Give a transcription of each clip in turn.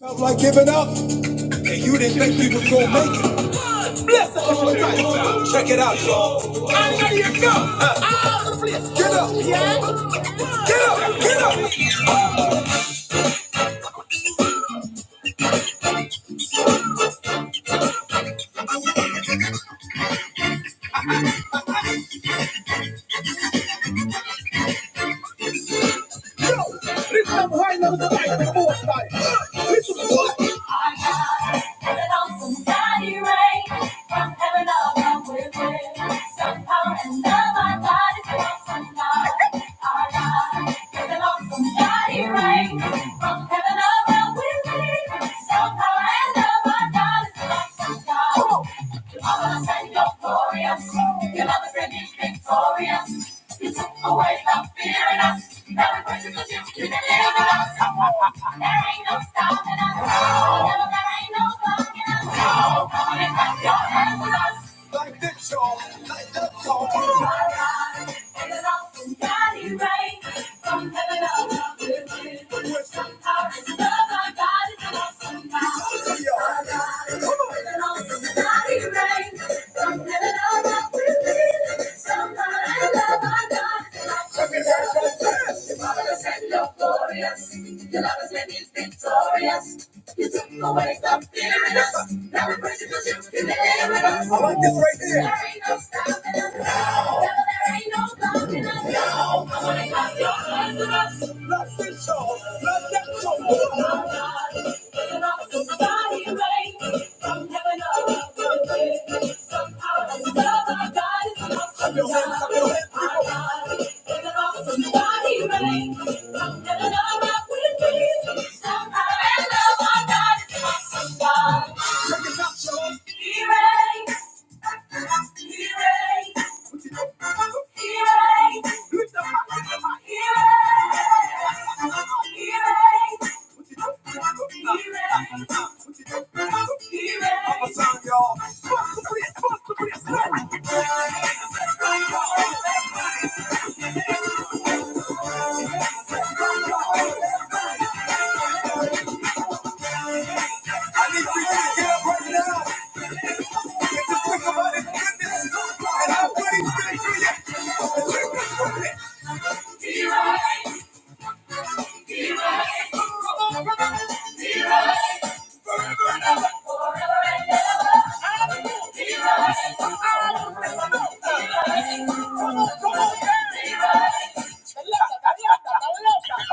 Felt like giving up, and you didn't think we was gonna make it. Check it out, y'all. All over the Get up. Yeah. Get up. Get up. I got an awesome mighty rain from heaven above with wind. Somehow and love. I got it awesome. God, I got an awesome mighty rain from heaven above with wind. Somehow or another, I got it Oh, your mother said you're glorious. Your mother said you victorious. You took away the fear in us. Now we worship the you. You delivered us. There ain't no stopping us. No, there ain't no blocking us. No, come on and clap your hands with us like the joy, like the joy. Oh my God, and an awesome mighty rain from heaven above will do. The power and love our God is an awesome God. Our God is an awesome mighty rain from heaven above will do. The power and love our God is an awesome God. Your love is and you glorious. Your love has and you victorious. You took away the fear in us. Now we praise you because you're with us right here. There ain't no stopping us. No. There ain't no stopping us. No. I wanna cut your hands with us. Love this song. Love that song. Oh, God. Giving up somebody away from heaven up to earth. Somehow the some power and love of God is enough. Clap your hands, clap your Our God. Giving up somebody away from heaven up to earth. I love our God is an awesome God. Check it out, y'all. He reigns. He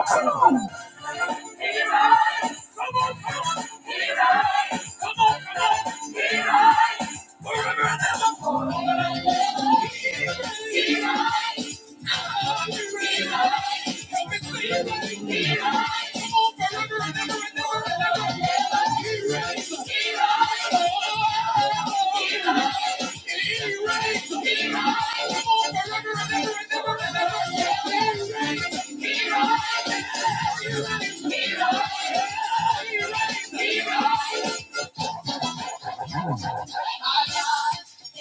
Come on, Hero! Our God is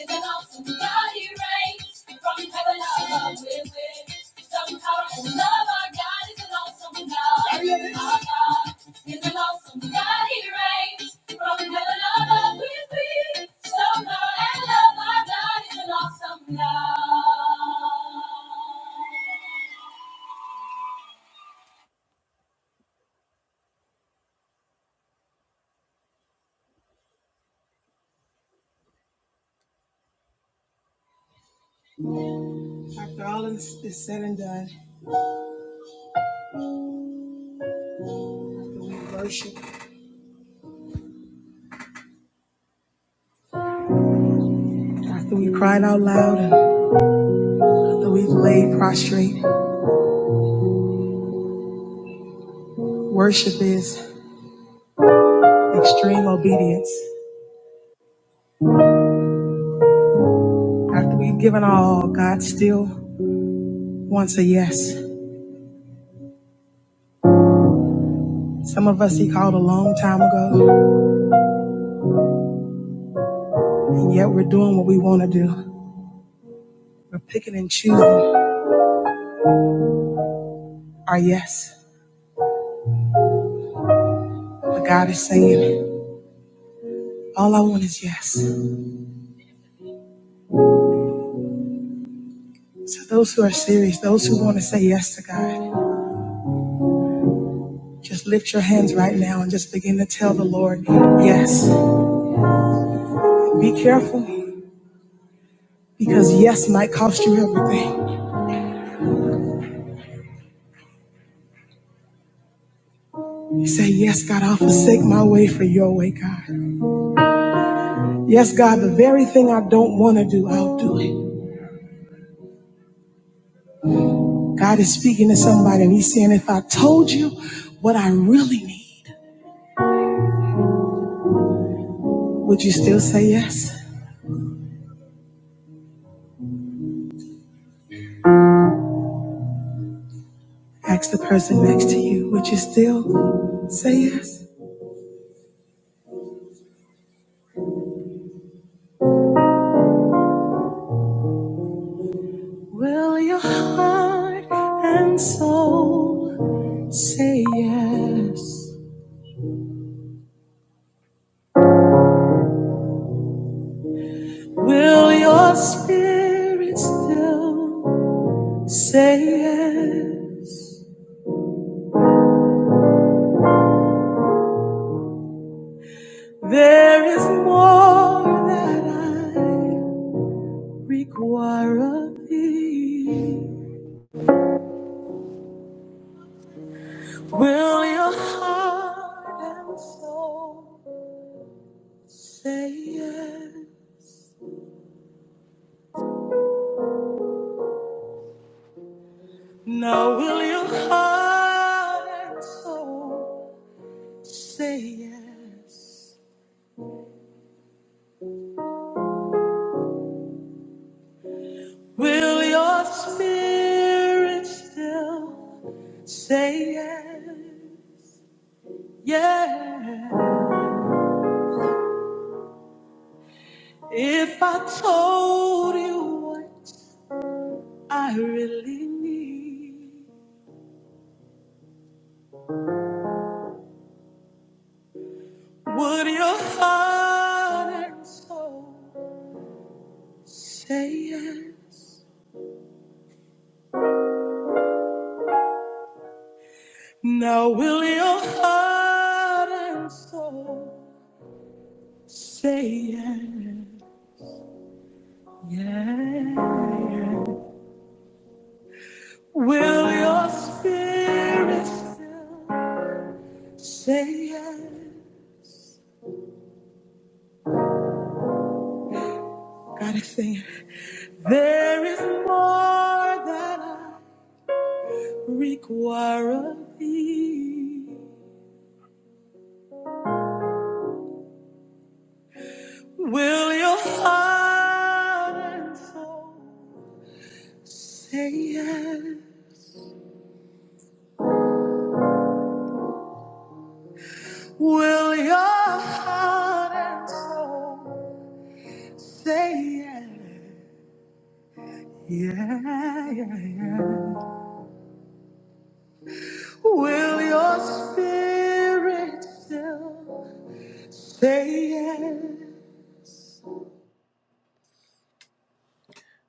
an awesome God. He reigns from heaven above with some power and love. Our God is an awesome God. Our God is an awesome God. He reigns from heaven above with some power and love. Our God is an awesome God. After all is, is said and done, after we worship, after we cried out loud, and after we've laid prostrate, worship is. Extreme obedience. After we've given all, God still wants a yes. Some of us He called a long time ago, and yet we're doing what we want to do. We're picking and choosing our yes. But God is saying, All I want is yes. So, those who are serious, those who want to say yes to God, just lift your hands right now and just begin to tell the Lord, Yes. Be careful because yes might cost you everything. Say, Yes, God, I'll forsake my way for your way, God. Yes, God, the very thing I don't want to do, I'll do it. God is speaking to somebody and he's saying, if I told you what I really need, would you still say yes? Ask the person next to you, would you still say yes? Will your heart and soul say yes? Will your spirit still say yes? There is more that I require of thee. Will your heart and soul say yes? Now will your heart and soul say yes? Will your spirit still say yes? Yeah. If I told you what I really need, would your heart and soul say yes? Now will your heart and soul say yes? Yeah. Will your spirit still say yes? Gotta is it. there is more that I require of thee. Will your heart and soul say yes? Will your heart and soul Say yeah, yeah, yeah, yeah. Will your spirit still say yeah?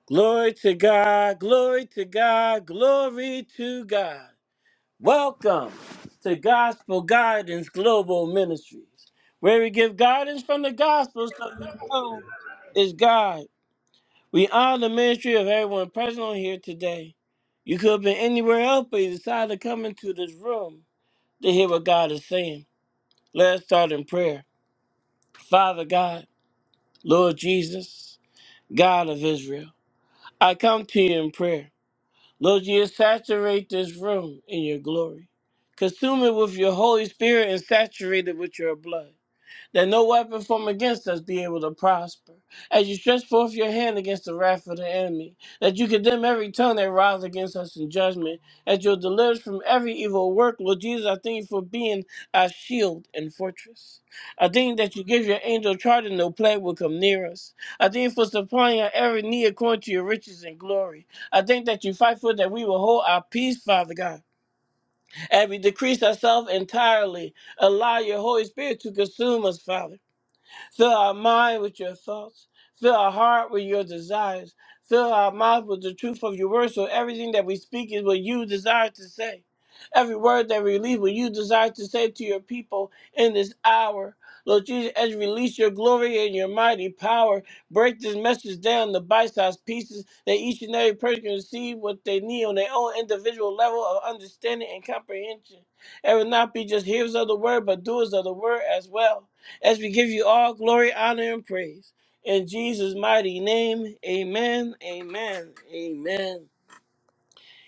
Glory to God, glory to God, glory to God. Welcome to Gospel Guidance Global Ministries, where we give guidance from the gospel so you know it's God. We honor the ministry of everyone present on here today. You could have been anywhere else, but you decided to come into this room to hear what God is saying. Let us start in prayer. Father God, Lord Jesus, God of Israel, I come to you in prayer. Lord, you saturate this room in your glory. Consume it with your Holy Spirit and saturate it with your blood. that no weapon formed against us be able to prosper. As you stretch forth your hand against the wrath of the enemy, that you condemn every tongue that rises against us in judgment, as you'll deliver us from every evil work. Lord Jesus, I thank you for being our shield and fortress. I thank you that you give your angel charge and no plague will come near us. I thank you for supplying our every need according to your riches and glory. I thank that you fight for that we will hold our peace, Father God, and we decrease ourselves entirely. Allow your Holy Spirit to consume us, Father. Fill our mind with your thoughts. Fill our heart with your desires. Fill our mouth with the truth of your word so everything that we speak is what you desire to say. Every word that we release, what you desire to say to your people in this hour. Lord Jesus, as you release your glory and your mighty power, break this message down to bite sized pieces that each and every person can receive what they need on their own individual level of understanding and comprehension. And will not be just hearers of the word, but doers of the word as well as we give you all glory, honor, and praise. In Jesus' mighty name, amen, amen, amen.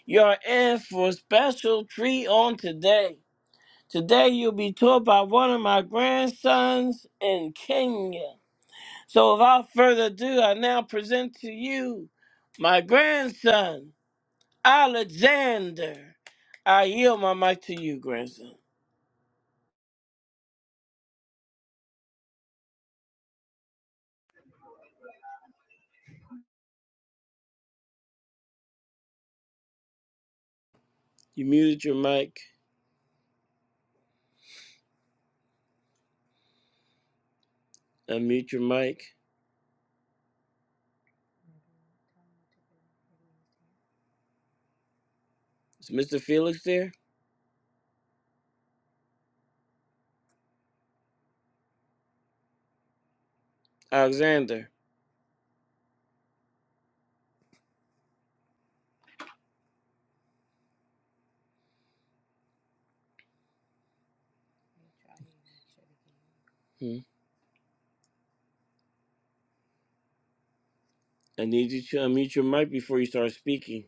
You're in for a special treat on today. Today, you'll be taught by one of my grandsons in Kenya. So, without further ado, I now present to you my grandson, Alexander. I yield my mic to you, grandson. You muted your mic. Unmute your mic. Is Mr. Felix there? Alexander. Hmm. I need you to unmute your mic before you start speaking.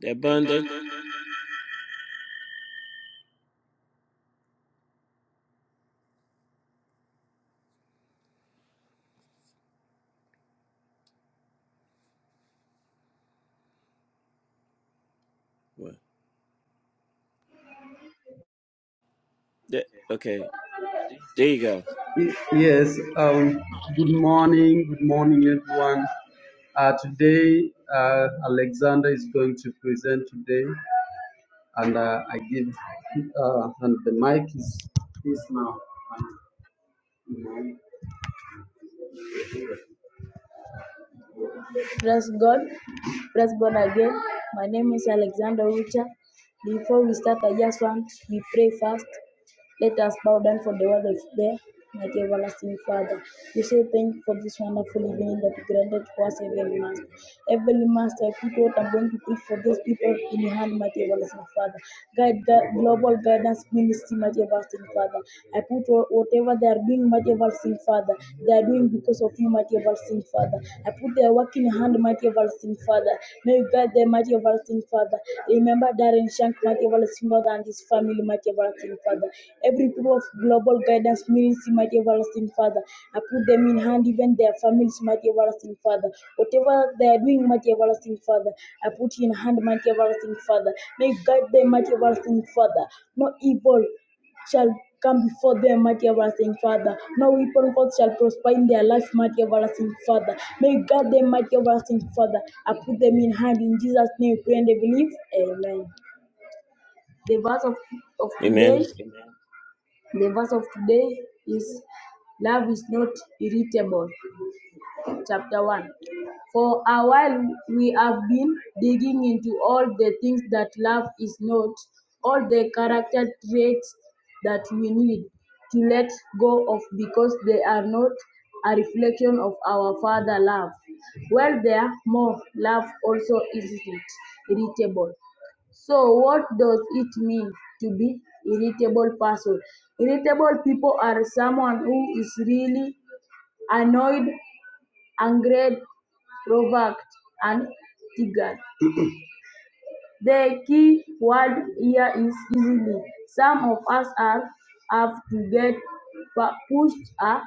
That bun, that, what? that okay. There you go. Y- Yes, um, good morning, good morning everyone. Uh, today, uh, Alexander is going to present today, and uh, I give uh, and the mic is is now. Praise God. Praise God again. My name is Alexander Wicha. Before we start, I just want we pray first. Let us bow down for the word of the mighty everlasting Father. We say thank you for this wonderful evening that you granted for us, Heavenly Master. Heavenly Master, I put what I'm going to pray for those people in your hand, mighty everlasting Father. Guide gu- global guidance ministry, mighty everlasting Father. I put whatever they are doing, mighty everlasting Father, they are doing because of you, mighty everlasting Father. I put their work in your hand, mighty everlasting Father. May you guide them, mighty everlasting Father. Remember Darren Shank, mighty everlasting Father, and his family, mighty everlasting Father. Every people of global guidance ministry, mighty everlasting Father. I put them in hand, even their families, mighty everlasting Father. Whatever they are doing, mighty everlasting Father, I put in hand, mighty everlasting Father. May you guide them, mighty everlasting Father. No evil shall come before them, mighty everlasting Father. No weapon forth shall prosper in their life, mighty everlasting Father. May you guard them, mighty everlasting Father. I put them in hand in Jesus' name. we Pray and they believe. Amen. The verse of, of Amen. today. Amen. The verse of today is love is not irritable chapter 1. For a while, we have been digging into all the things that love is not, all the character traits that we need to let go of because they are not a reflection of our Father love. Well, there, more love also isn't irritable. So, what does it mean to be irritable person? Irritable people are someone who is really annoyed Angered, provoked, and Tigard. The key word here is easily. Some of us are have to get pushed a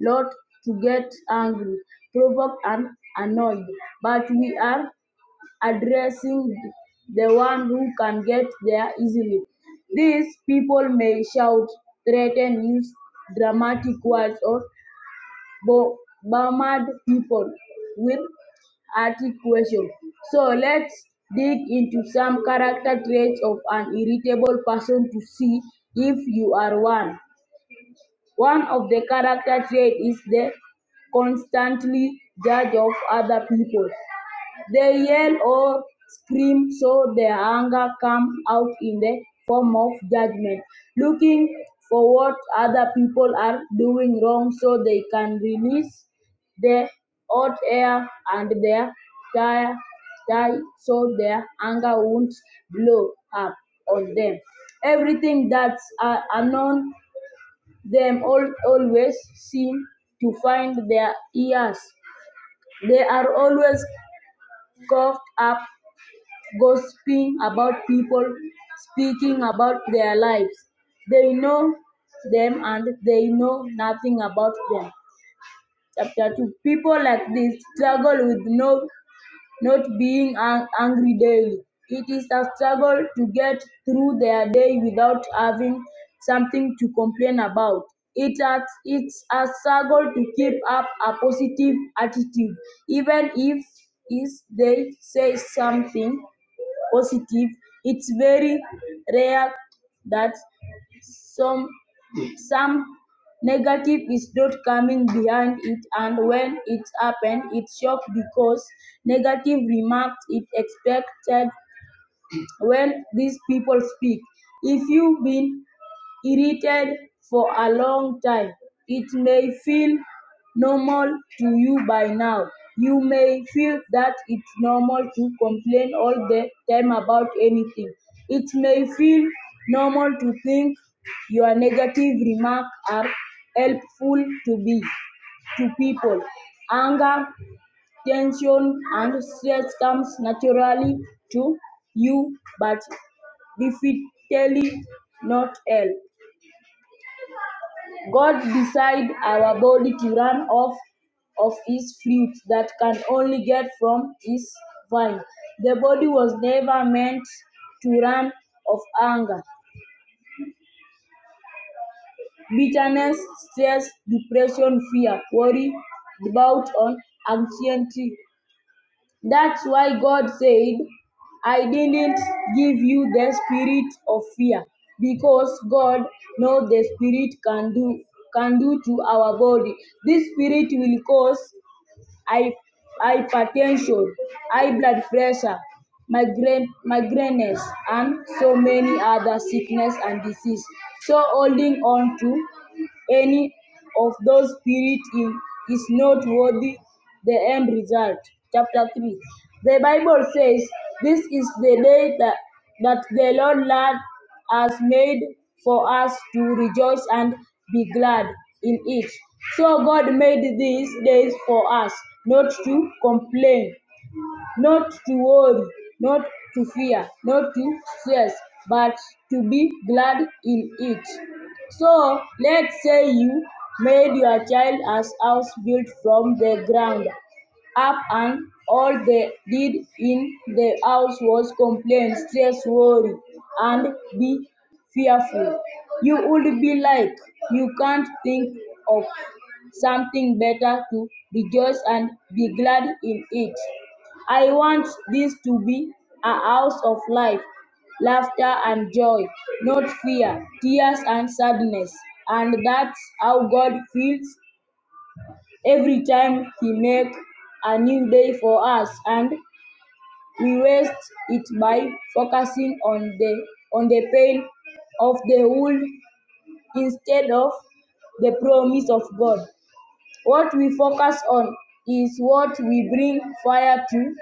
lot to get angry, provoked, and annoyed, but we are addressing the one who can get there easily. These people may shout, threaten, use dramatic words, or Bo- Burmese people with articulation. So let's dig into some character traits of an irritable person to see if you are one. One of the character traits is the constantly judge of other people. They yell or scream so their anger comes out in the form of judgment, looking for what other people are doing wrong so they can release the hot air and their tire, tire so their anger won't blow up on them. Everything that's uh, unknown them all, always seem to find their ears. They are always caught up gossiping about people, speaking about their lives. They know them and they know nothing about them. Chapter 2 People like this struggle with no, not being an- angry daily. It is a struggle to get through their day without having something to complain about. It has, it's a struggle to keep up a positive attitude, even if is they say something positive. It's very rare that some some negative is not coming behind it and when it happened it shocked because negative remarks it expected when these people speak if you have been irritated for a long time. It may feel normal to you by now. You may feel that it's normal to complain all the time about anything. It may feel normal to think your negative remarks are helpful to be to people. Anger, tension, and stress comes naturally to you, but definitely not help. God designed our body to run off of his fruit that can only get from his vine. The body was never meant to run off anger, bitterness, stress, depression, fear, worry, doubt, or anxiety. That's why God said, I didn't give you the spirit of fear, because God knows the spirit can do can do to our body. This spirit will cause hy- hypertension, high blood pressure, migraine, migraines, and so many other sickness and disease. So holding on to any of those spirit in- is not worthy the end result. Chapter 3. The Bible says, This is the day that, that the Lord learned has made for us to rejoice and be glad in it. So God made these days for us not to complain, not to worry, not to fear, not to stress, but to be glad in it. So let's say you made your child as house built from the ground up and all they did in the house was complain, stress, worry, and be fearful. You would be like, you can't think of something better to rejoice and be glad in it. I want this to be a house of life, laughter and joy, not fear, tears and sadness. And that's how God feels every time he makes a new day for us and we waste it by focusing on the on the pain of the world instead of the promise of God. What we focus on is what we bring fire to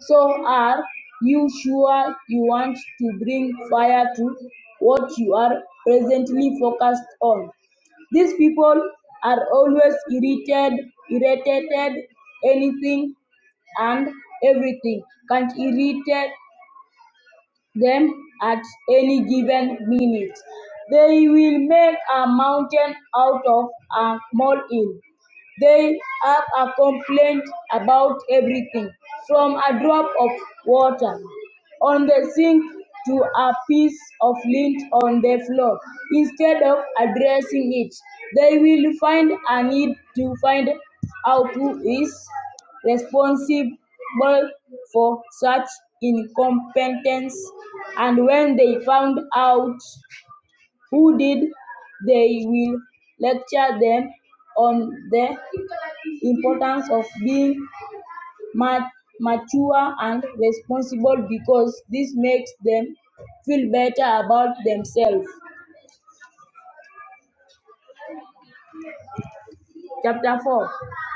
so are you sure you want to bring fire to what you are presently focused on? These people are always irritated, irritated, anything and everything can irritate them at any given minute. They will make a mountain out of a molehill. They have a complaint about everything, from a drop of water on the sink to a piece of lint on the floor. Instead of addressing it, they will find a need to find out who is responsible for such incompetence. And when they found out, who did they will lecture them on the importance of being mature and responsible because this makes them feel better about themselves. Chapter 4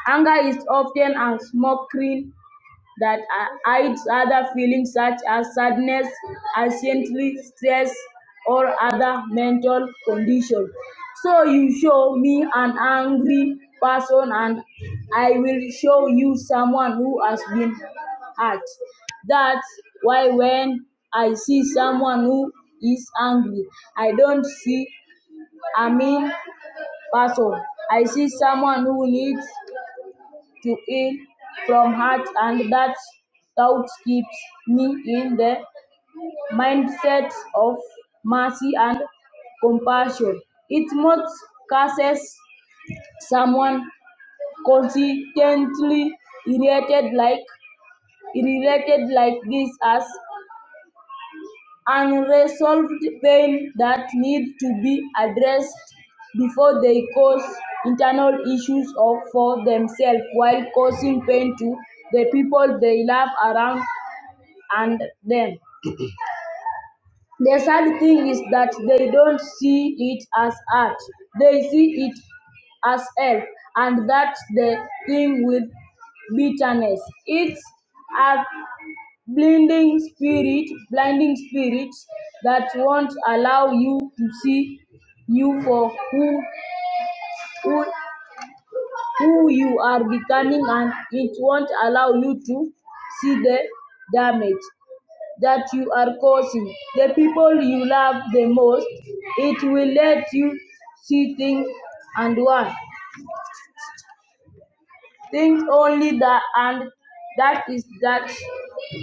Anger is often a mockery that hi- hides other feelings such as sadness, anxiety, stress, or other mental conditions. So you show me an angry person, and I will show you someone who has been hurt. That's why when I see someone who is angry, I don't see a mean person. I see someone who needs to it from heart and that thought keeps me in the mindset of mercy and compassion. It not curses someone consistently irritated like irritated like this as unresolved pain that need to be addressed before they cause internal issues or for themselves while causing pain to the people they love around and them. The sad thing is that they don't see it as art, they see it as help, and that's the thing with bitterness. It's a blinding spirit blinding spirits that won't allow you to see you for who who who you are becoming and it won't allow you to see the damage that you are causing the people you love the most it will let you see things and one think only that and that is that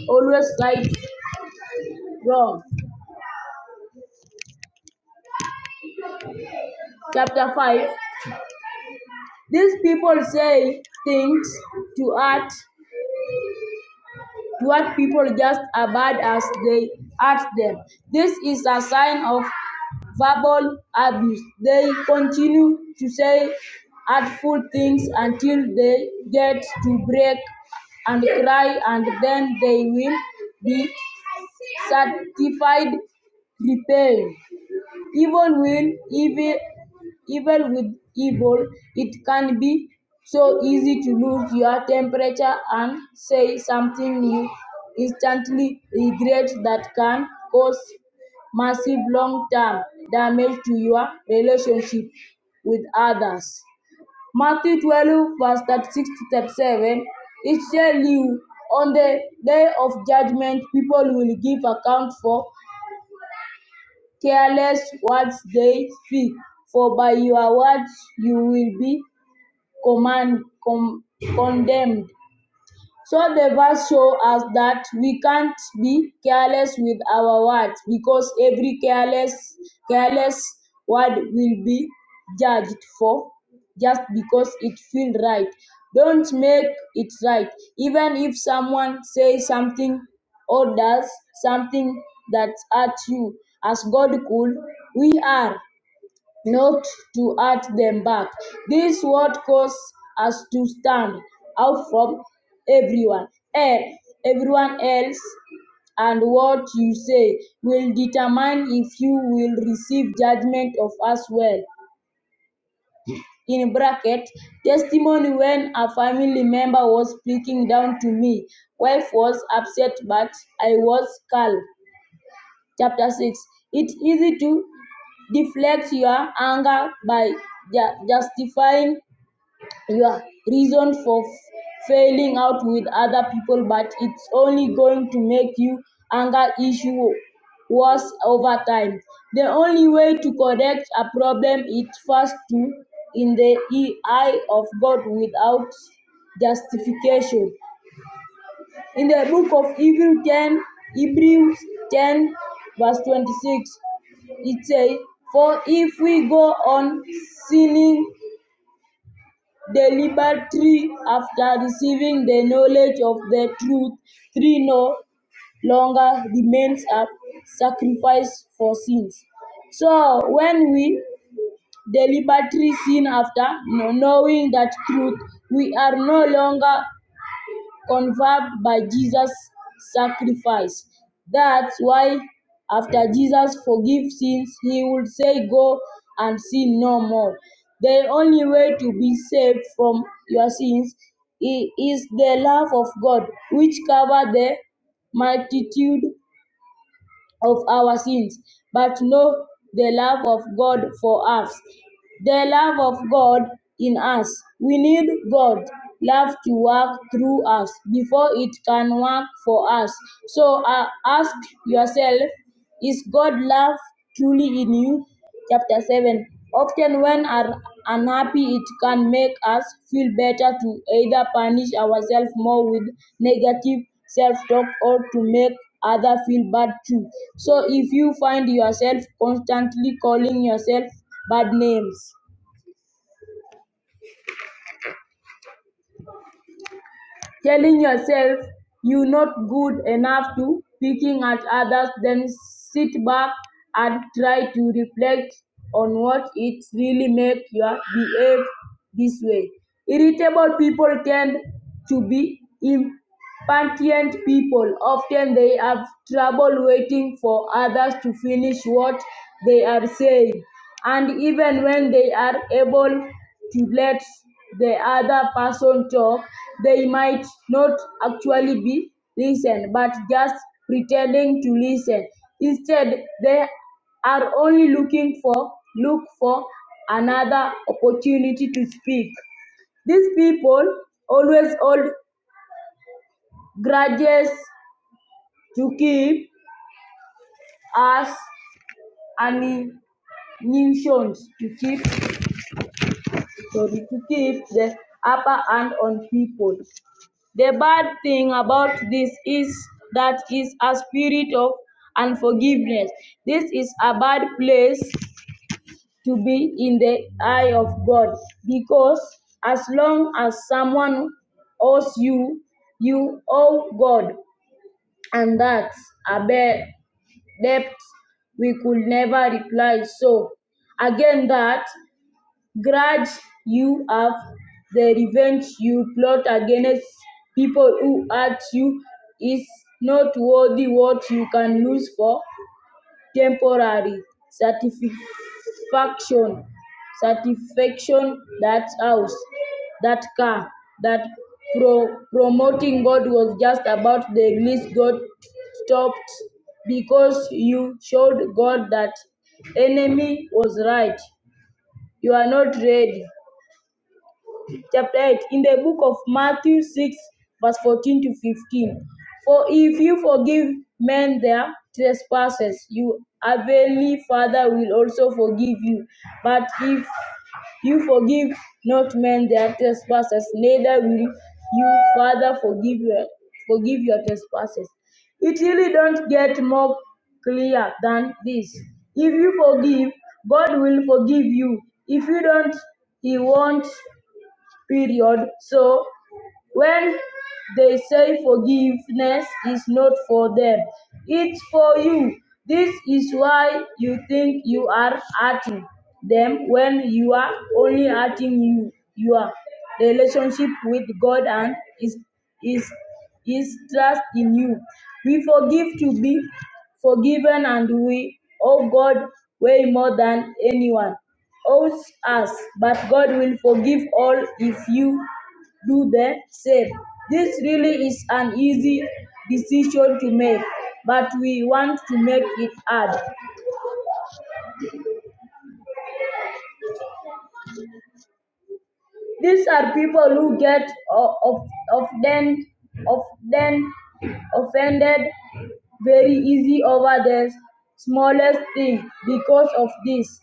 always right wrong chapter 5 These people say things to art to art people just as bad as they hurt them. This is a sign of verbal abuse. They continue to say hurtful things until they get to break and cry and then they will be certified repaying. Even when evil, evil with evil, it can be so easy to lose your temperature and say something you instantly regret that can cause massive long-term damage to your relationship with others. Matthew 12, verse 36 to 37. It shall you on the day of judgment, people will give account for careless words they speak, for by your words you will be command, com- condemned. So the verse shows us that we can't be careless with our words because every careless careless word will be judged for just because it feels right. Don't make it right. Even if someone says something or does something that hurts you, as God could, we are not to hurt them back. This word causes us to stand out from everyone, eh, everyone else, and what you say will determine if you will receive judgment of us well. In bracket, testimony when a family member was speaking down to me. Wife was upset, but I was calm. Chapter 6 It's easy to deflect your anger by ju- justifying your reason for f- failing out with other people, but it's only going to make your anger issue worse over time. The only way to correct a problem is first to in the e- eye of God without justification. In the book of Hebrews 10, Hebrews 10 verse 26, itself, for if we go on sinning deliberately after receiving the knowledge of the truth, three no longer remains a sacrifice for sins. So when we deliberately sin after knowing that truth, we are no longer conferred by Jesus' sacrifice. That's why after Jesus forgives sins, he would say, Go and sin no more. The only way to be saved from your sins is the love of God, which covers the multitude of our sins, but know the love of God for us. The love of God in us. We need God's love to work through us before it can work for us. So uh, ask yourself is God love truly in you? Chapter 7. Often, when are unhappy, it can make us feel better to either punish ourselves more with negative self talk or to make others feel bad too. So, if you find yourself constantly calling yourself bad names, telling yourself you're not good enough to picking at others, then sit back and try to reflect on what it really make you behave this way. Irritable people tend to be impatient Patient people often they have trouble waiting for others to finish what they are saying, and even when they are able to let the other person talk, they might not actually be listened but just pretending to listen. Instead, they are only looking for look for another opportunity to speak. These people always hold grudges to keep as animations to keep sorry to keep the upper hand on people. The bad thing about this is that is a spirit of unforgiveness. This is a bad place to be in the eye of God because as long as someone owes you, you owe God, and that's a bad depth we could never reply. So again that grudge you have, the revenge you plot against people who hurt you is not worthy what you can lose for temporary satisfaction satisfaction that house that car that pro- promoting god was just about the release god stopped because you showed god that enemy was right you are not ready chapter 8 in the book of Matthew 6, verse 14 to 15. For if you forgive men their trespasses, you heavenly Father will also forgive you. But if you forgive not men their trespasses, neither will you Father forgive your, forgive your trespasses. It really don't get more clear than this. If you forgive, God will forgive you. If you don't, He won't period. So when they say forgiveness is not for them, it's for you. This is why you think you are hurting them when you are only hurting you. Your relationship with God and is is is trust in you. We forgive to be forgiven and we owe God way more than anyone owes us, but God will forgive all if you do the same. This really is an easy decision to make, but we want to make it hard. These are people who get o- of- often, often offended very easy over the smallest thing because of this.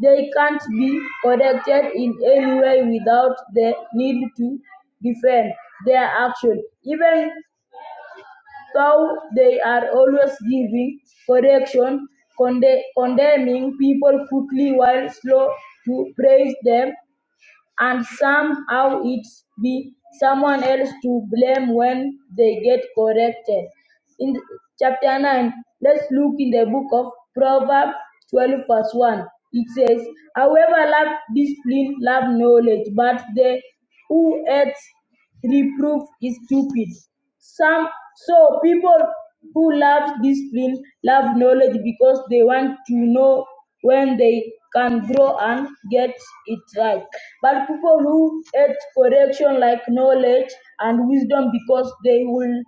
They can't be corrected in any way without the need to defend their action. Even though they are always giving correction, conde- condemning people quickly while slow to praise them, and somehow it's be someone else to blame when they get corrected. In chapter 9, let's look in the book of Proverbs 12, verse 1. It says, However, love discipline, love knowledge, but they who hate reproof is stupid. Some so people who love discipline love knowledge because they want to know when they can grow and get it right. But people who hate correction like knowledge and wisdom because they will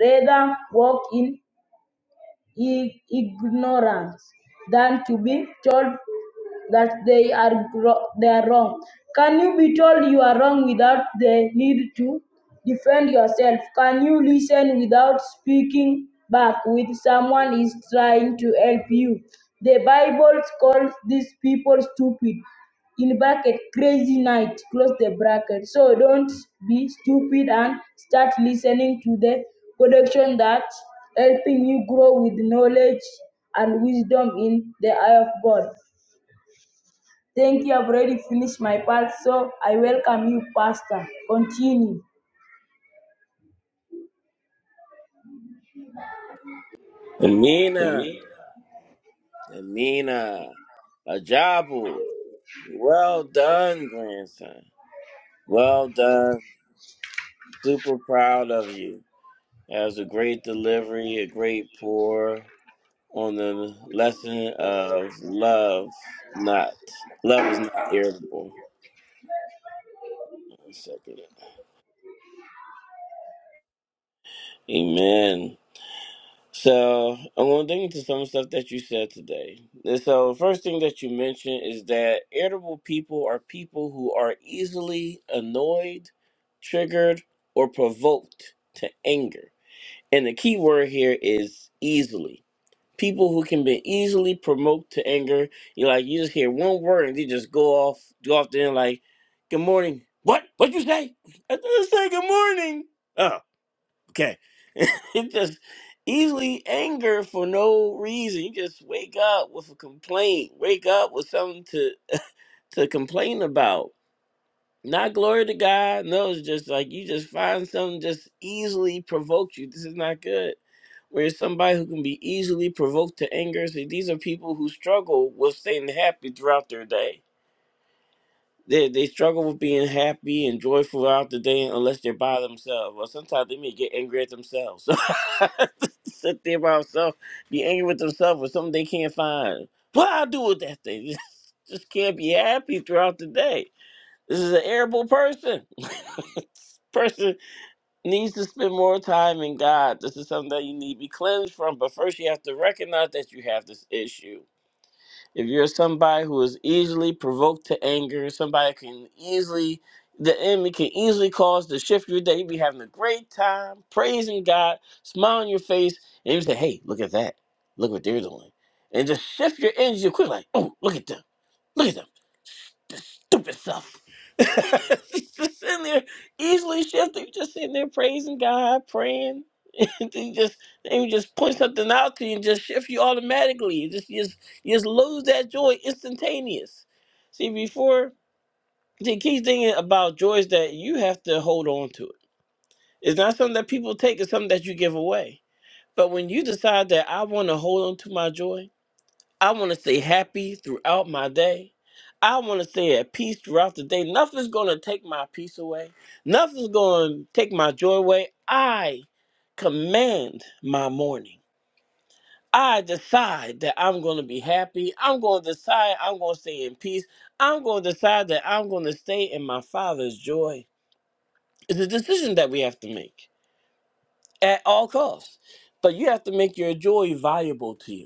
rather walk in i- ignorant than to be told that they are gro- they are wrong. Can you be told you are wrong without the need to defend yourself? Can you listen without speaking back when someone is trying to help you? The Bible calls these people stupid in bracket crazy night close the bracket so don't be stupid and start listening to the production that's helping you grow with knowledge and wisdom in the eye of god thank you i've already finished my part so i welcome you pastor continue Amina, Amina, Ajabu. Well done, grandson. Well done. Super proud of you. That was a great delivery, a great pour on the lesson of love. Not love is not irritable. One second. Amen. So I'm gonna dig into some stuff that you said today. And so first thing that you mentioned is that irritable people are people who are easily annoyed, triggered, or provoked to anger. And the key word here is easily. People who can be easily provoked to anger. You like you just hear one word and they just go off, go off there and like, "Good morning." What? What you say? I didn't say good morning. Oh, Okay. it just easily anger for no reason. You just wake up with a complaint. Wake up with something to to complain about. Not glory to God. No, it's just like you just find something just easily provokes you. This is not good. Whereas somebody who can be easily provoked to anger, see, these are people who struggle with staying happy throughout their day they they struggle with being happy and joyful throughout the day unless they're by themselves. Or sometimes they may get angry at themselves. So Sit there by themselves, be angry with themselves for something they can't find. What I do with that thing? Just, just can't be happy throughout the day. This is an irritable person. This person needs to spend more time in God. This is something that you need to be cleansed from. But first, you have to recognize that you have this issue if you're somebody who is easily provoked to anger, somebody can easily, the enemy can easily cause the shift of your day. You be having a great time, praising God, smile on your face, and you say, hey, look at that. Look what they're doing. And just shift your energy quick, like, oh, look at them. Look at them stupid stuff. She's just sitting there easily shifting, just sitting there praising God, praying. And they just they would just point something out to you and just shift you automatically. You just you just you just lose that joy instantaneous. See, before the key thing about joy is that you have to hold on to it. It's not something that people take, it's something that you give away. But when you decide that I want to hold on to my joy, I want to stay happy throughout my day. I want to stay at peace throughout the day. Nothing's going to take my peace away. Nothing's going to take my joy away. I command my morning. I decide that I'm going to be happy. I'm going to decide I'm going to stay in peace. I'm going to decide that I'm going to stay in my Father's joy. It's a decision that we have to make at all costs. But you have to make your joy valuable to you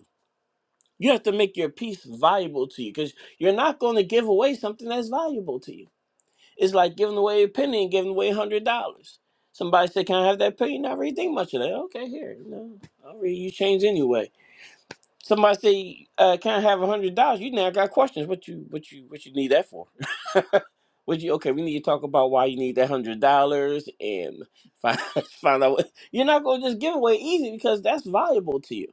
You have to make your piece valuable to you because you're not going to give away something that's valuable to you. It's like giving away a penny and giving away a hundred dollars. Somebody said, "Can I have that penny?" You Not really think much of that. Okay, here, no, I'll read you change anyway. Somebody say, uh, "Can I have a hundred dollars?" You now got questions. What you, what you, what you need that for? What you? Okay, we need to talk about why you need that hundred dollars and find find out. What, you're not going to just give away easy because that's valuable to you.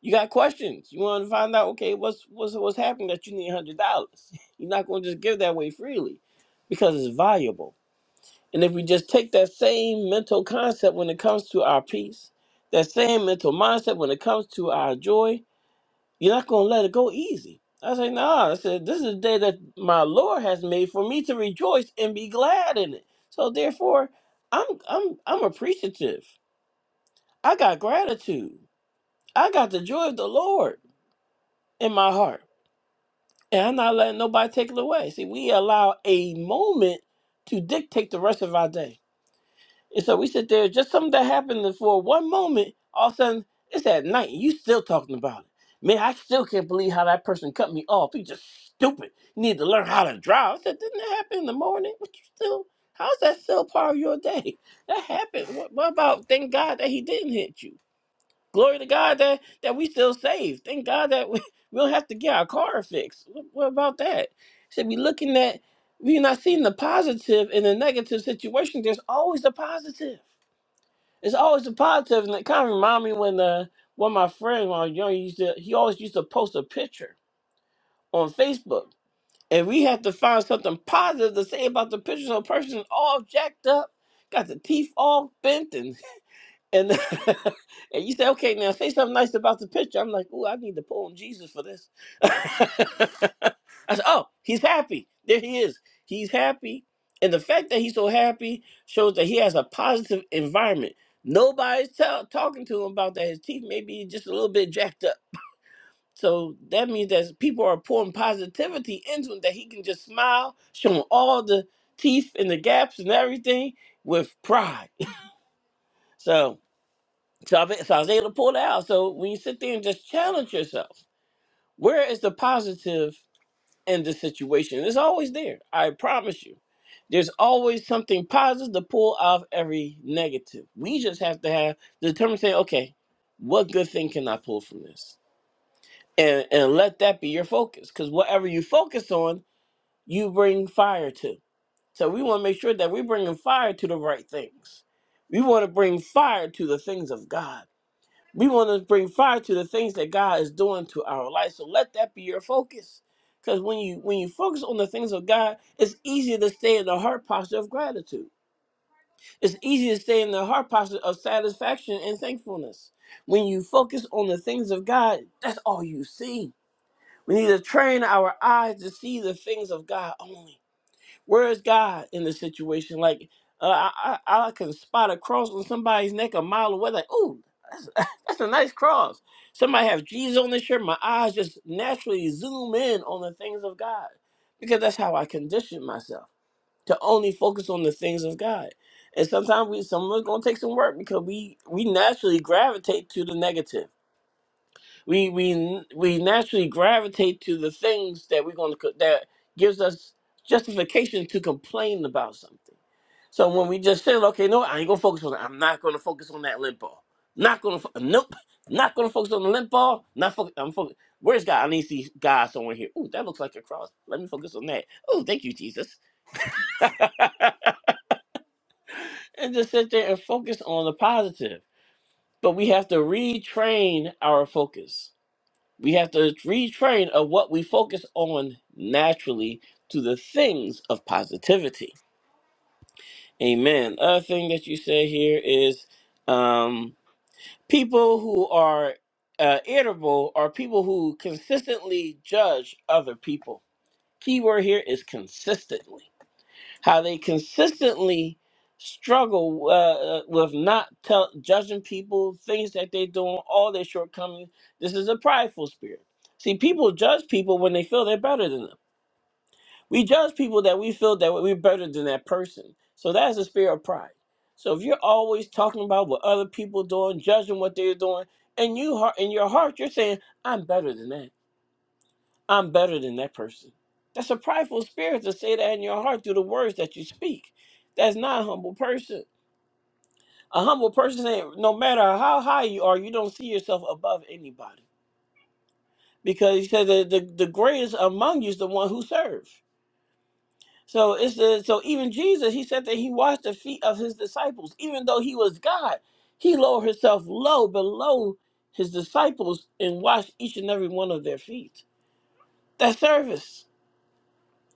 You got questions. You want to find out, okay, what's what's what's happening that you need a hundred dollars? You're not going to just give that away freely, because it's valuable. And if we just take that same mental concept when it comes to our peace, that same mental mindset when it comes to our joy, you're not going to let it go easy. I say, nah. I said, this is the day that my Lord has made for me to rejoice and be glad in it. So therefore, I'm I'm I'm appreciative. I got gratitude. I got the joy of the Lord in my heart. And I'm not letting nobody take it away. See, we allow a moment to dictate the rest of our day. And so we sit there, just something that happened for one moment, all of a sudden, it's at night, and you still talking about it. Man, I still can't believe how that person cut me off. He's just stupid. You need to learn how to drive. I said, didn't that happen in the morning? What you still, how's that still part of your day? That happened. What, what about, thank God that he didn't hit you? Glory to God that that we still saved. Thank God that we, we don't have to get our car fixed. What, what about that? Should be looking at we're not seeing the positive in the negative situation. There's always a positive. There's always a positive, and it kind of remind me when uh, one of my friends when I was young he used to he always used to post a picture on Facebook, and we had to find something positive to say about the picture. So a person all jacked up, got the teeth all bent, and. And and you say, okay, now say something nice about the picture. I'm like, ooh, I need to pull on Jesus for this. I said, oh, he's happy. There he is. He's happy. And the fact that he's so happy shows that he has a positive environment. Nobody's tell talking to him about that. His teeth may be just a little bit jacked up. So that means that people are pouring positivity into him that he can just smile, show him all the teeth and the gaps and everything with pride. So so I, so I was able to pull it out. So when you sit there and just challenge yourself, where is the positive in the situation? It's always there. I promise you. There's always something positive to pull out of every negative. We just have to have the determination, say, okay, what good thing can I pull from this? And and let that be your focus. Because whatever you focus on, you bring fire to. So we want to make sure that we're bringing fire to the right things. We want to bring fire to the things of God we want to bring fire to the things that God is doing to our life. So let that be your focus. Because when you when you focus on the things of God, it's easier to stay in the heart posture of gratitude. It's easier to stay in the heart posture of satisfaction and thankfulness. When you focus on the things of God, that's all you see. We need to train our eyes to see the things of God only. Where is God in the situation? Like uh, I, I I can spot a cross on somebody's neck a mile away. Like, ooh, that's, that's a nice cross. Somebody have Jesus on their shirt. My eyes just naturally zoom in on the things of God because that's how I condition myself to only focus on the things of God. And sometimes we some of us gonna take some work because we we naturally gravitate to the negative we we we naturally gravitate to the things that we're going to that gives us justification to complain about something. So when we just say, "Okay, no, I ain't gonna focus on that. I'm not gonna focus on that limp ball. Not gonna. Fo- nope. Not gonna focus on the limp ball. Not focus. I'm focus. Where's God? I need to see God somewhere here. Ooh, that looks like a cross. Let me focus on that. Oh, thank you, Jesus. And just sit there and focus on the positive. But we have to retrain our focus We have to retrain of what we focus on naturally to the things of positivity. Amen. Other thing that you say here is um, people who are uh, irritable are people who consistently judge other people. Keyword here is consistently how they consistently struggle uh, with not tell, judging people, things that they're doing, all their shortcomings. This is a prideful spirit. See, people judge people when they feel they're better than them. We judge people that we feel that we're better than that person. So that's a spirit of pride. So if you're always talking about what other people doing, judging what they're doing, and you heart in your heart you're saying, "I'm better than that." I'm better than that person. That's a prideful spirit to say that in your heart through the words that you speak. That's not a humble person. A humble person ain't no matter how high you are, you don't see yourself above anybody. Because he said that the, the greatest among you is the one who serves. So it's the, so even Jesus, he said that he washed the feet of his disciples. Even though he was God, he lowered himself low below his disciples and washed each and every one of their feet. That's service.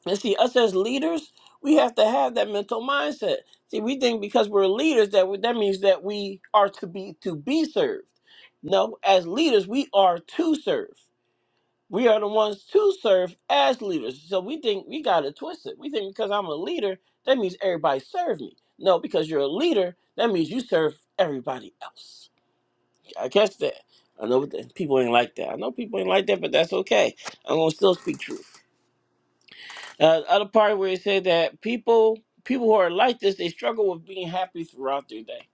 And see, us as leaders, we have to have that mental mindset. See, we think because we're leaders that we- that means that we are to be to be served. No, as leaders, we are to serve. We are the ones to serve as leaders. So we think we got to twist it. We think because I'm a leader, that means everybody serve me. No, because you're a leader, that means you serve everybody else. I catch that. I know that people ain't like that. I know people ain't like that, but that's okay. I'm gonna still speak truth. Uh, other part where it said that people people who are like this they struggle with being happy throughout their day.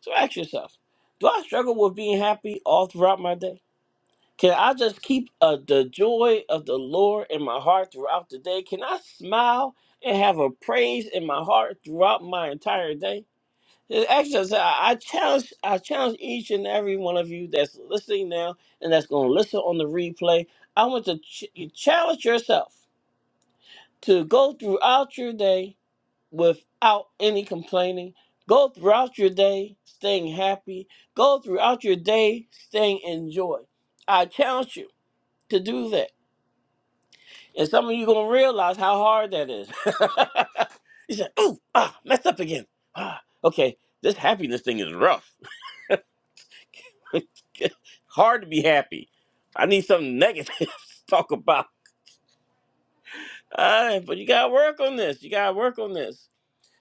So ask yourself, do I struggle with being happy all throughout my day? Can I just keep uh, the joy of the Lord in my heart throughout the day? Can I smile and have a praise in my heart throughout my entire day? Just Ask yourself. I I challenge I challenge each and every one of you that's listening now and that's going to listen on the replay. I want to ch- challenge yourself to go throughout your day without any complaining. Go throughout your day staying happy. Go throughout your day staying in joy. I challenge you to do that. And some of you going to realize how hard that is. you say, ooh, ah, messed up again. Ah, okay, this happiness thing is rough. hard to be happy. I need something negative to talk about. All right, but you got to work on this. You got to work on this.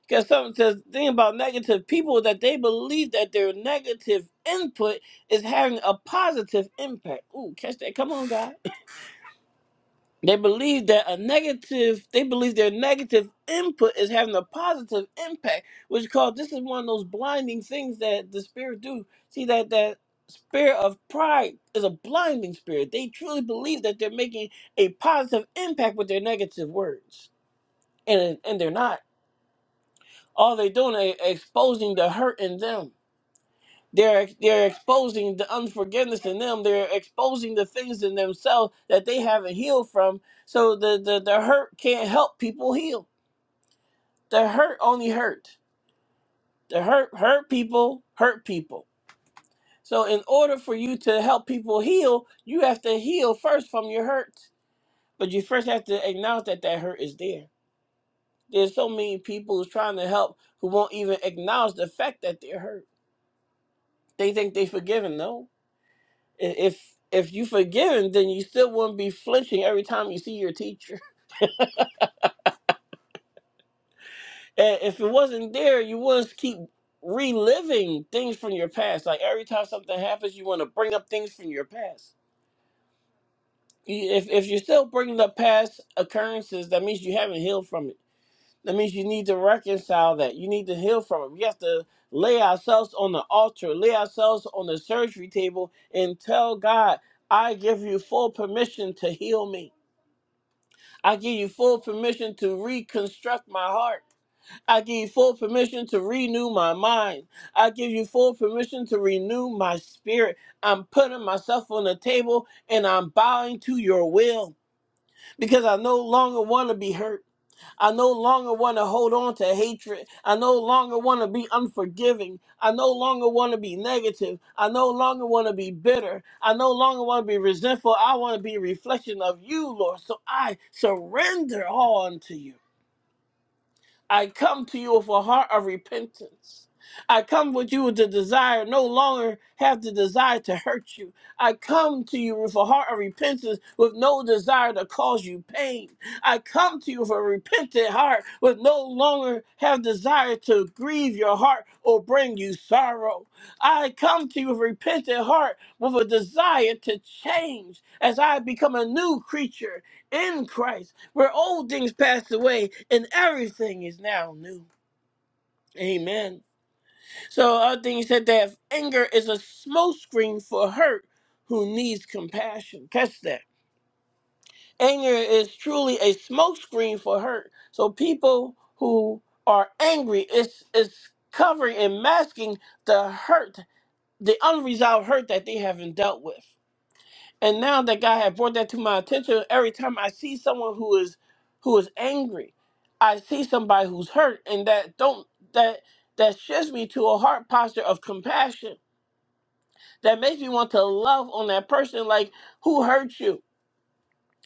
Because something says the thing about negative people is that they believe that their negative input is having a positive impact. Ooh, catch that. Come on, God. They believe that a negative they believe their negative input is having a positive impact, which called this is one of those blinding things that the spirit do. See that that spirit of pride is a blinding spirit. They truly believe that they're making a positive impact with their negative words. And and they're not. All they're doing is exposing the hurt in them. They're they're exposing the unforgiveness in them. They're exposing the things in themselves that they haven't healed from. So the the, the hurt can't help people heal. The hurt only hurt. The hurt hurt people hurt people. So in order for you to help people heal, you have to heal first from your hurt. But you first have to acknowledge that that hurt is there. There's so many people who's trying to help who won't even acknowledge the fact that they're hurt. They think they've forgiven. No, I- If if you forgiven, then you still wouldn't be flinching every time you see your teacher. And if it wasn't there, you wouldn't keep reliving things from your past. Like every time something happens, you want to bring up things from your past. You- If if you're still bringing up past occurrences, that means you haven't healed from it. That means you need to reconcile that. You need to heal from it. We have to lay ourselves on the altar, lay ourselves on the surgery table, and tell God, "I give you full permission to heal me." I give you full permission to reconstruct my heart. I give you full permission to renew my mind. I give you full permission to renew my spirit. I'm putting myself on the table and I'm bowing to your will because I no longer want to be hurt. I no longer want to hold on to hatred. I no longer want to be unforgiving. I no longer want to be negative. I no longer want to be bitter. I no longer want to be resentful. I want to be a reflection of you, Lord. So I surrender all unto you. I come to you with a heart of repentance. I come with you with the desire, no longer have the desire to hurt you. I come to you with a heart of repentance, with no desire to cause you pain. I come to you with a repentant heart, with no longer have desire to grieve your heart or bring you sorrow. I come to you with a repentant heart, with a desire to change as I become a new creature in Christ, where old things passed away and everything is now new. Amen. So other thing he said that anger is a smokescreen for hurt who needs compassion. Catch that. Anger is truly a smokescreen for hurt. So people who are angry, it's it's covering and masking the hurt, the unresolved hurt that they haven't dealt with. And now that God had brought that to my attention, every time I see someone who is who is angry, I see somebody who's hurt, and that don't that that shifts me to a heart posture of compassion. That makes me want to love on that person, like who hurt you.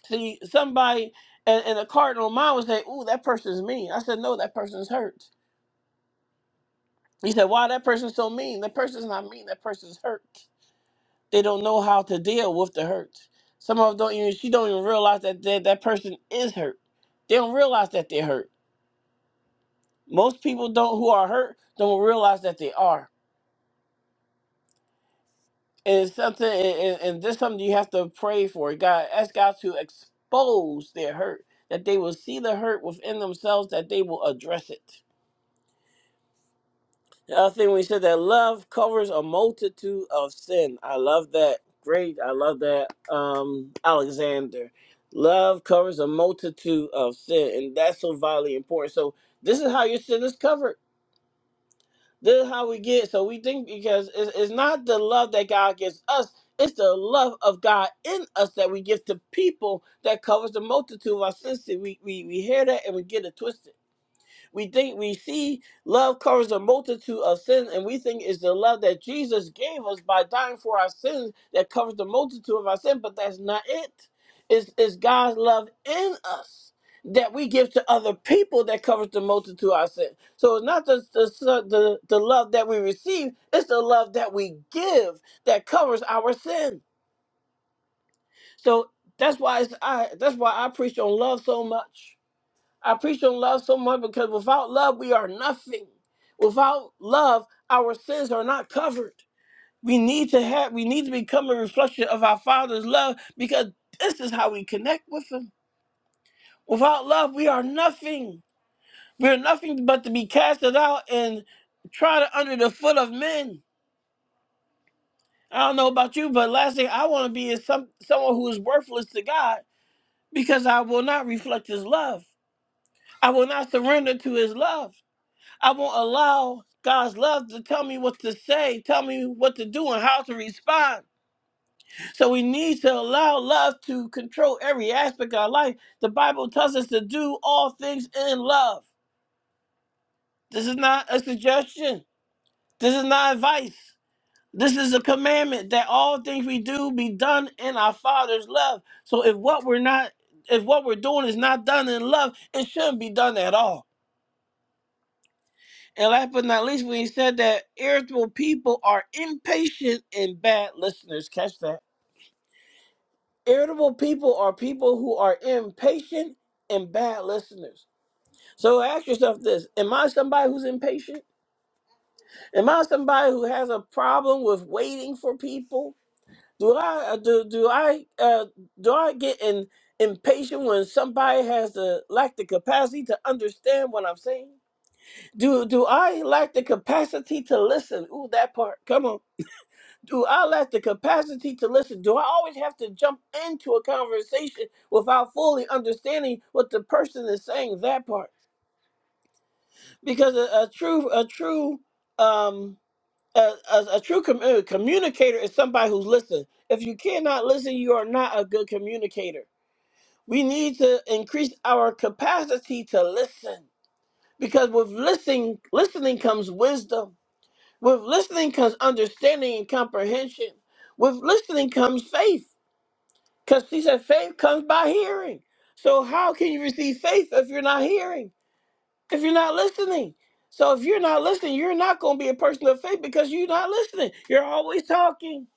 See, somebody and, and a cardinal mind would say, "Ooh, that person's mean." I said, "No, that person's hurt." He said, "Why that person's so mean? That person's not mean. That person's hurt." They don't know how to deal with the hurt. Some of them don't even she don't even realize that that, that person is hurt. They don't realize that they're hurt. Most people don't who are hurt don't realize that they are. And it's something and, and, and this is something you have to pray for. God ask God to expose their hurt, that they will see the hurt within themselves, that they will address it. The other thing we said that love covers a multitude of sin. I love that. Great. I love that. Um, Alexander. Love covers a multitude of sin, and that's so vitally important. So this is how your sin is covered. This is how we get. So we think because it's, it's not the love that God gives us, it's the love of God in us that we give to people that covers the multitude of our sins. See, We, we, we hear that and we get it twisted. We think we see love covers a multitude of sins, and we think it's the love that Jesus gave us by dying for our sins that covers the multitude of our sin, but that's not it. It's, it's God's love in us that we give to other people that covers the multitude of our sin. So it's not just the, the, the love that we receive, it's the love that we give that covers our sin. So that's why it's, I that's why I preach on love so much I preach on love so much because without love, we are nothing. Without love, our sins are not covered. We need to have, we need to become a reflection of our Father's love because this is how we connect with Him. Without love, we are nothing. We are nothing but to be casted out and trodden under the foot of men. I don't know about you, but last thing I want to be is some someone who is worthless to God because I will not reflect His love. I will not surrender to His love. I won't allow God's love to tell me what to say, tell me what to do, and how to respond. So we need to allow love to control every aspect of our life. The Bible tells us to do all things in love. This is not a suggestion, this is not advice. This is a commandment that all things we do be done in our Father's love. So if what we're not if what we're doing is not done in love, it shouldn't be done at all. And last but not least, when he said that irritable people are impatient and bad listeners, catch that. Irritable people are people who are impatient and bad listeners. So ask yourself this Am I somebody who's impatient? Am I somebody who has a problem with waiting for people? Do I uh, do do I uh, do I get in, impatient when somebody has the lack the capacity to understand what I'm saying? Do do I lack the capacity to listen? Ooh, that part. Come on. Do I lack the capacity to listen? Do I always have to jump into a conversation without fully understanding what the person is saying? That part, because a, a true, a true, um, a, a, a true commu- communicator is somebody who's listening. If you cannot listen, you are not a good communicator. We need to increase our capacity to listen, because with listening, listening comes wisdom. With listening comes understanding and comprehension. With listening comes faith. Because she said faith comes by hearing. So how can you receive faith if you're not hearing? If you're not listening? So if you're not listening, you're not going to be a person of faith because you're not listening. You're always talking.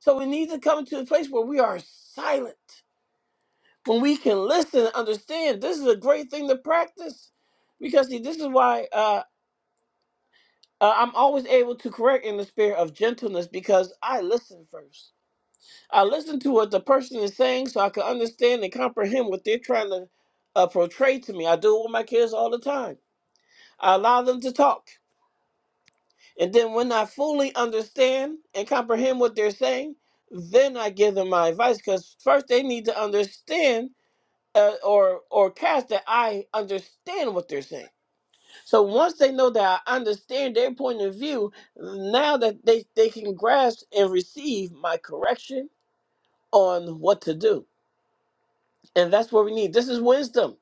So we need to come to a place where we are silent. When we can listen and understand, this is a great thing to practice. Because see, this is why uh, uh, I'm always able to correct in the spirit of gentleness because I listen first. I listen to what the person is saying so I can understand and comprehend what they're trying to uh, portray to me. I do it with my kids all the time. I allow them to talk. And then when I fully understand and comprehend what they're saying, then I give them my advice because first they need to understand uh, or or cast that I understand what they're saying. So once they know that I understand their point of view, now that they, they can grasp and receive my correction on what to do. And that's what we need. This is wisdom.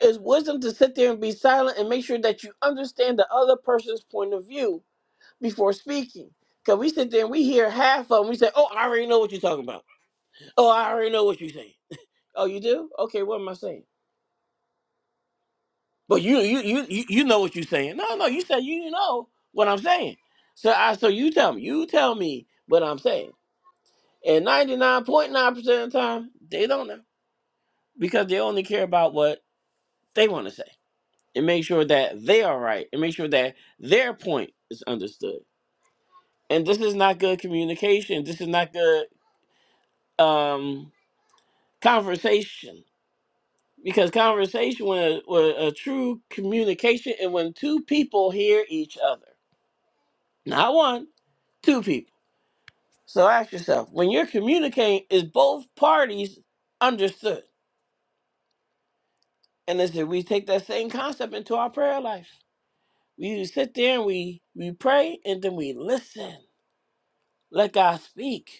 It's wisdom to sit there and be silent and make sure that you understand the other person's point of view before speaking. Because we sit there and we hear half of them. We say, Oh, I already know what you're talking about. Oh, I already know what you're saying. Oh, you do? Okay, what am I saying? But you you you you you know what you're saying. No, no, you said you know what I'm saying. So I so you tell me, you tell me what I'm saying. And 99.9% of the time, they don't know. Because they only care about what they want to say. and make sure that they are right and make sure that their point is understood. And this is not good communication. This is not good um, conversation because conversation with, with a true communication and when two people hear each other, not one, two people. So ask yourself when you're communicating, is both parties understood? And as we take that same concept into our prayer life, we sit there and we we pray and then we listen. Let God speak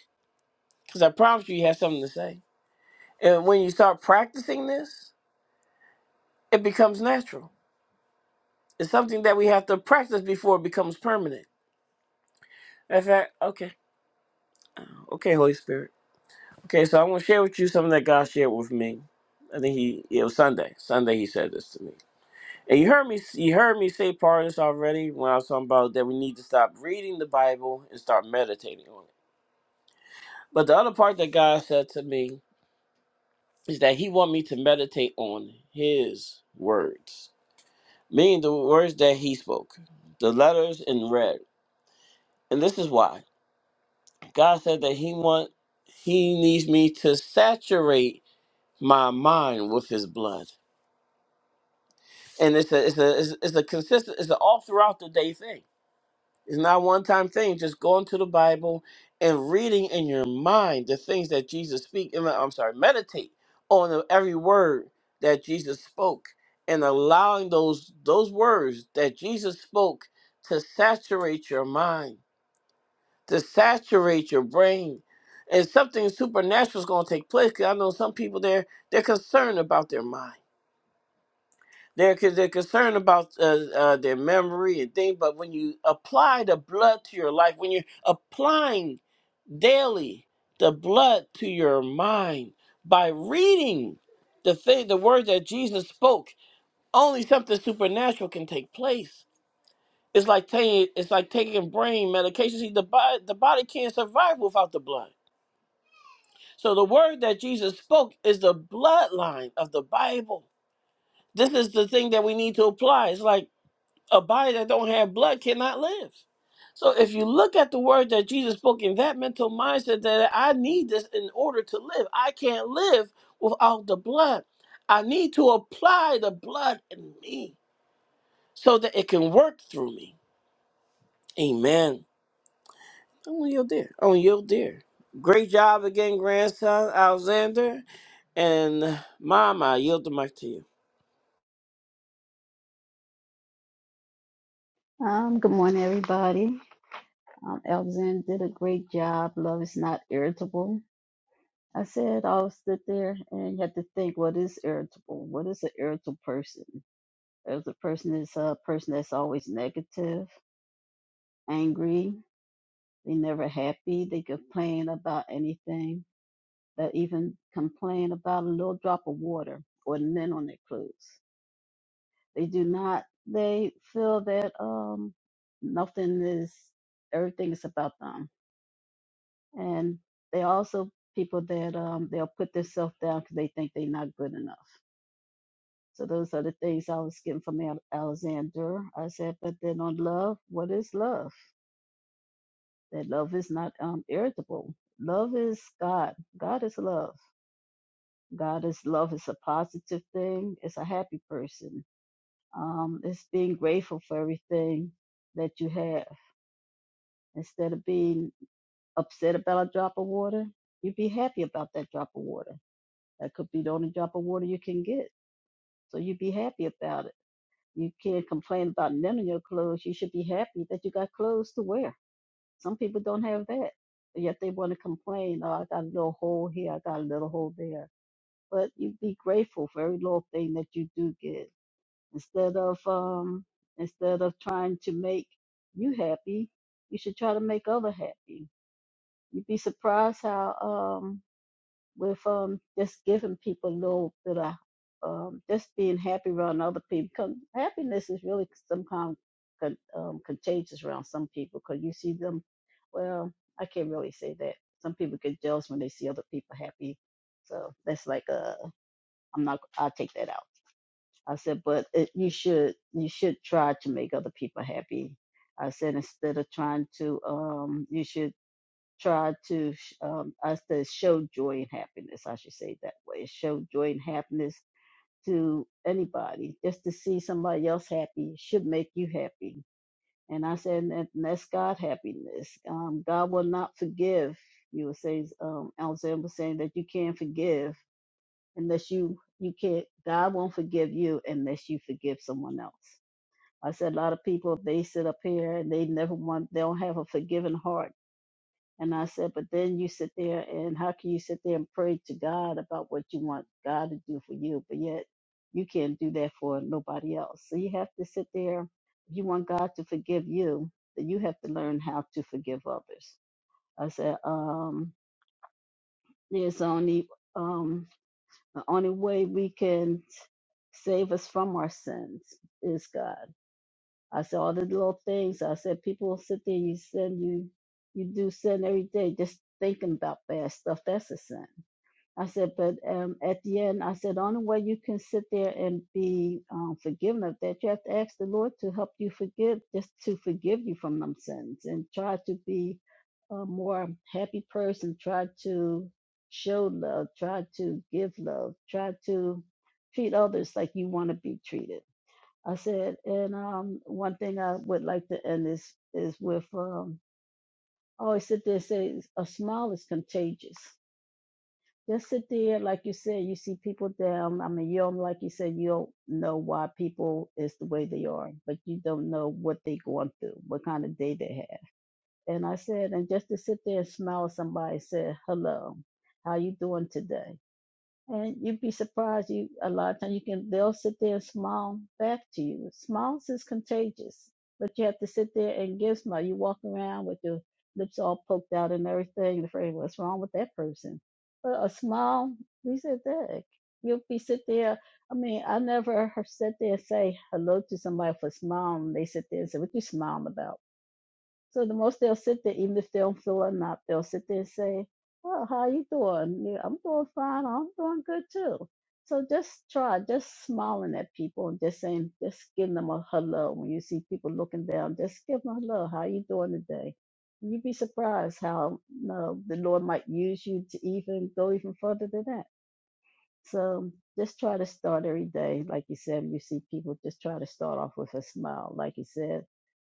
Because I promise you, you have something to say. And when you start practicing this, it becomes natural. It's something that we have to practice before it becomes permanent. In fact, okay, okay, Holy Spirit. Okay, so I'm gonna share with you something that God shared with me. I think he it was Sunday. Sunday he said this to me, and you heard me. You heard me say part of this already when I was talking about that we need to stop reading the Bible and start meditating on it. But the other part that God said to me is that He want me to meditate on His words meaning the words that he spoke, the letters in red. And this is why God said that he want he needs me to saturate my mind with his blood. And it's a it's a it's, it's a consistent it's an all throughout the day thing. It's not a one time thing. Just going to the Bible and reading in your mind the things that Jesus speak. and, I'm sorry, meditate on the- every word that Jesus spoke and allowing those those words that Jesus spoke to saturate your mind, to saturate your brain. And something supernatural is going to take place. Cause I know some people there they're concerned about their mind. They're, con- they're concerned about uh, uh, their memory and things, but when you apply the blood to your life, when you're applying daily the blood to your mind by reading the thing, the words that Jesus spoke, only something supernatural can take place. It's like taking it's like taking brain medication. See, the body the body can't survive without the blood. So the word that Jesus spoke is the bloodline of the Bible. This is the thing that we need to apply. It's like a body that don't have blood cannot live. So if you look at the word that Jesus spoke in that mental mindset that I need this in order to live. I can't live without the blood. I need to apply the blood in me so that it can work through me. Amen. I'm on your dear. I'm on your dear. Great job again, grandson Alexander. And mom, I yield the mic to you. Um, good morning, everybody. Um, Alexander did a great job. Love is not irritable. I said I was sit there and you have to think what is irritable? What is an irritable person? There's a person is a person that's always negative, angry, they never happy, they complain about anything. They even complain about a little drop of water or lint on their clothes. They do not they feel that um nothing is everything is about them and they are also people that um, they'll put themselves down because they think they're not good enough. So those are the things I was getting from Ale- Alexander. I said, but then on love, what is love? That love is not um, irritable. Love is God. God is love. God is love. It's a positive thing. It's a happy person. Um, it's being grateful for everything that you have. Instead of being upset about a drop of water, you be happy about that drop of water That could be the only drop of water you can get. So you be happy about it. You can't complain about none of your clothes. You should be happy that you got clothes to wear. Some people don't have that. But yet they want to complain, oh, I got a little hole here, I got a little hole there. But you be grateful for every little thing that you do get. Instead of um instead of trying to make you happy, you should try to make other happy. You'd be surprised how um, with um just giving people a little bit of um just being happy around other people. 'Cause happiness is really some kind of con- um, contagious around some people because you see them. Well, I can't really say that. Some people get jealous when they see other people happy. So that's like uh, I'm not. I'll take that out. I said, but it, you should you should try to make other people happy. I said instead of trying to um, you should try to sh- um, us to show joy and happiness. I should say it that way. Show joy and happiness to anybody. Just to see somebody else happy should make you happy. And I said, and that- and that's God happiness. Um, God will not forgive. You were saying, um, Alexander was saying that you can't forgive unless you you can't. God won't forgive you unless you forgive someone else. I said a lot of people they sit up here and they never want they don't have a forgiving heart and I said, but then you sit there and how can you sit there and pray to God about what you want God to do for you? But yet you can't do that for nobody else. So you have to sit there. If you want God to forgive you, then you have to learn how to forgive others. I said, um, there's only um the only way we can save us from our sins is God. I said all the little things. I said people will sit there. You sin. You you do sin every day, just thinking about bad stuff. That's a sin. I said, but um, at the end, I said, only way you can sit there and be um, forgiven of that, you have to ask the Lord to help you forgive, just to forgive you from them sins, and try to be a more happy person. Try to show love. Try to give love. Try to treat others like you want to be treated I said, and um, one thing I would like to end this is with um, I always sit there and say a smile is contagious. Just sit there, like you said, you see people down. I mean, you don't, like you said, you don't know why people is the way they are, but you don't know what they going through, what kind of day they had. And I said, and just to sit there and smile at somebody, and say hello, how you doing today? And you'd be surprised. You a lot of times you can they'll sit there and smile back to you. Smiles is contagious, but you have to sit there and give smile. You walk around with your lips all poked out and everything. You're afraid what's wrong with that person. But a smile, we said that you'll be sit there. I mean, I never heard- sat there and say hello to somebody for smiling. They sit there and say, "What you smiling about?" So the most they'll sit there, even if they don't feel enough, they'll sit there and say, "Well, how you doing? You- know, I'm doing fine. I'm doing good too." So just try, just smiling at people and just saying, just giving them a hello. When you see people looking down, just give them a hello. How you doing today? You'd be surprised how no, the Lord might use you to even go even further than that. So just try to start every day. Like you said, you see people just try to start off with a smile. Like you said,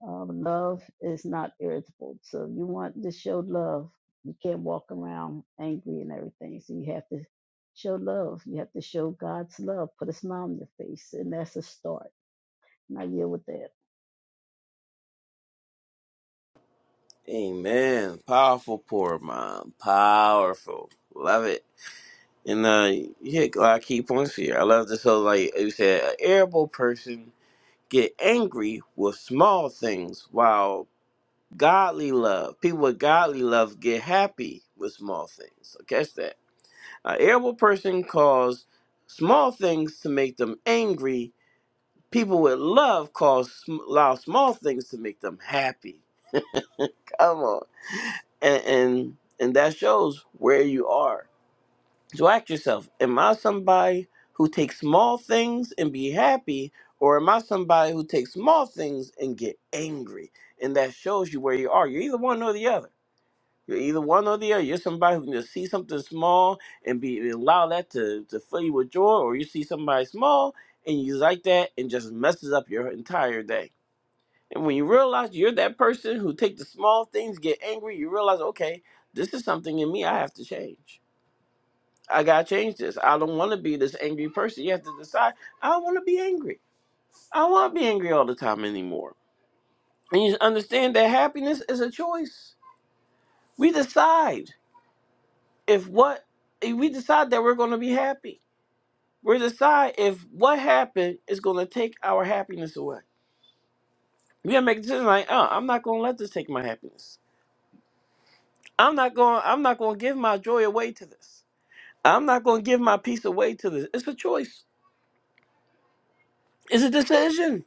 um, love is not irritable. So you want to show love. You can't walk around angry and everything. So you have to show love. You have to show God's love. Put a smile on your face. And that's a start. And I deal with that. Amen. Powerful poor mom. Powerful. Love it. And uh, you hit a lot of key points here. I love this. So, like you said, an irritable person get angry with small things, while godly love, people with godly love, get happy with small things. So catch that. An irritable person cause small things to make them angry. People with love cause sm- allow small things to make them happy. Come on, and and and that shows where you are So ask yourself, am I somebody who takes small things and be happy, or am I somebody who takes small things and get angry? And that shows you where you are. You're either one or the other. You're either one or the other. You're somebody who can just see something small and be allow that to, to fill you with joy, or you see somebody small and you like that and just messes up your entire day. And when you realize you're that person who take the small things, get angry, you realize, okay, this is something in me I have to change. I gotta change this. I don't want to be this angry person. You have to decide. I don't want to be angry. I don't want to be angry all the time anymore. And you understand that happiness is a choice. We decide if what if we decide that we're going to be happy. We decide if what happened is going to take our happiness away. We gotta make a decision like, uh, I'm not going to let this take my happiness. I'm not going. I'm not going to give my joy away to this. I'm not going to give my peace away to this. It's a choice. It's a decision.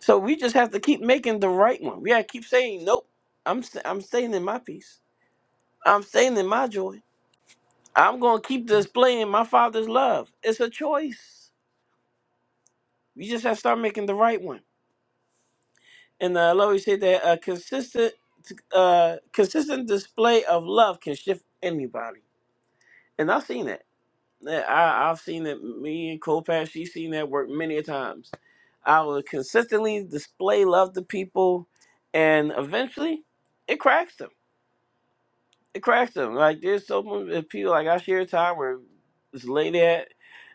So we just have to keep making the right one. We gotta keep saying, nope. I'm st- I'm staying in my peace. I'm staying in my joy. I'm gonna keep displaying my Father's love. It's a choice. We just have to start making the right one. And uh, Lord, you said that a consistent, uh, consistent display of love can shift anybody. And I've seen that. That- I, I've seen it. Me and Copac, she's seen that work many a times. I will consistently display love to people, and eventually, it cracks them it cracks them. Like there's so many uh, people. Like I shared a time where this lady at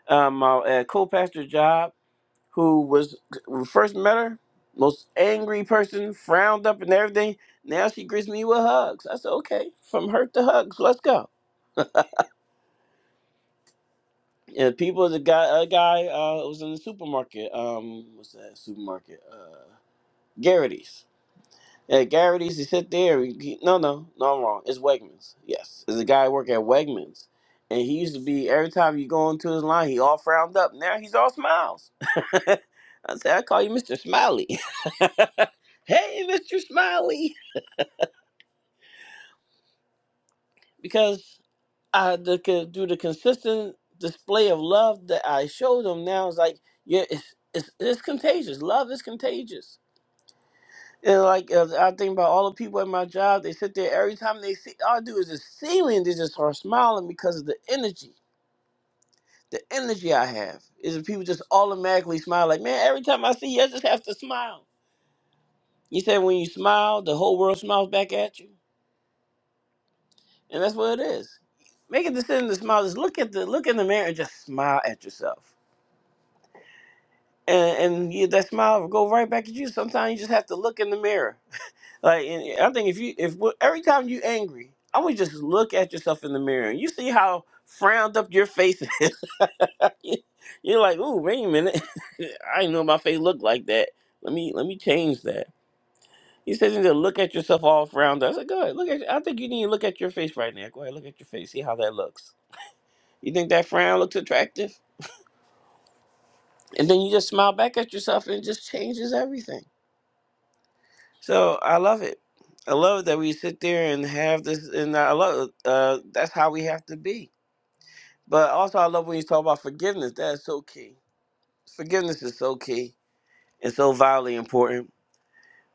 um my at co-pastor job who was when we first met her most angry person, frowned up and everything. Now she greets me with hugs. I said, okay, from hurt to hugs, let's go. And people, the guy, a guy uh, was in the supermarket. Um, what's that supermarket? Uh, Garrity's. Yeah, Garrett used to sit there. He, he- no, no, no, I'm wrong. It's Wegmans. Yes, there's a guy working at Wegmans, and he used to be every time you go into his line, he all frowned up. Now he's all smiles. I say I call you Mr. Smiley. hey, Mr. Smiley, because I the co- through the consistent display of love that I showed him now it's like yeah, it's, it's it's contagious. Love is contagious And like uh, I think about all the people at my job, they sit there every time they see all I do is just see me, and they just start smiling because of the energy. The energy I have is that people just automatically smile. Like man, every time I see you, I just have to smile. You said when you smile, the whole world smiles back at you, and that's what it is. Make a decision to smile. Just look at the look in the mirror and just smile at yourself, and and you, that smile will go right back at you. Sometimes you just have to look in the mirror Like, and I think if you, if well, every time you angry, I would just look at yourself in the mirror. and You see how frowned up your face is. You're like, ooh, wait a minute. I didn't know my face looked like that. Let me, let me change that. He says, you need to look at yourself all frowned up. I said, go ahead, look at. I think you need to look at your face right now. Go ahead, look at your face. See how that looks. You think that frown looks attractive? And then you just smile back at yourself, and it just changes everything. So I love it. I love that we sit there and have this, and I love uh, that's how we have to be. But also, I love when you talk about forgiveness. That is so key. Forgiveness is so key and so vitally important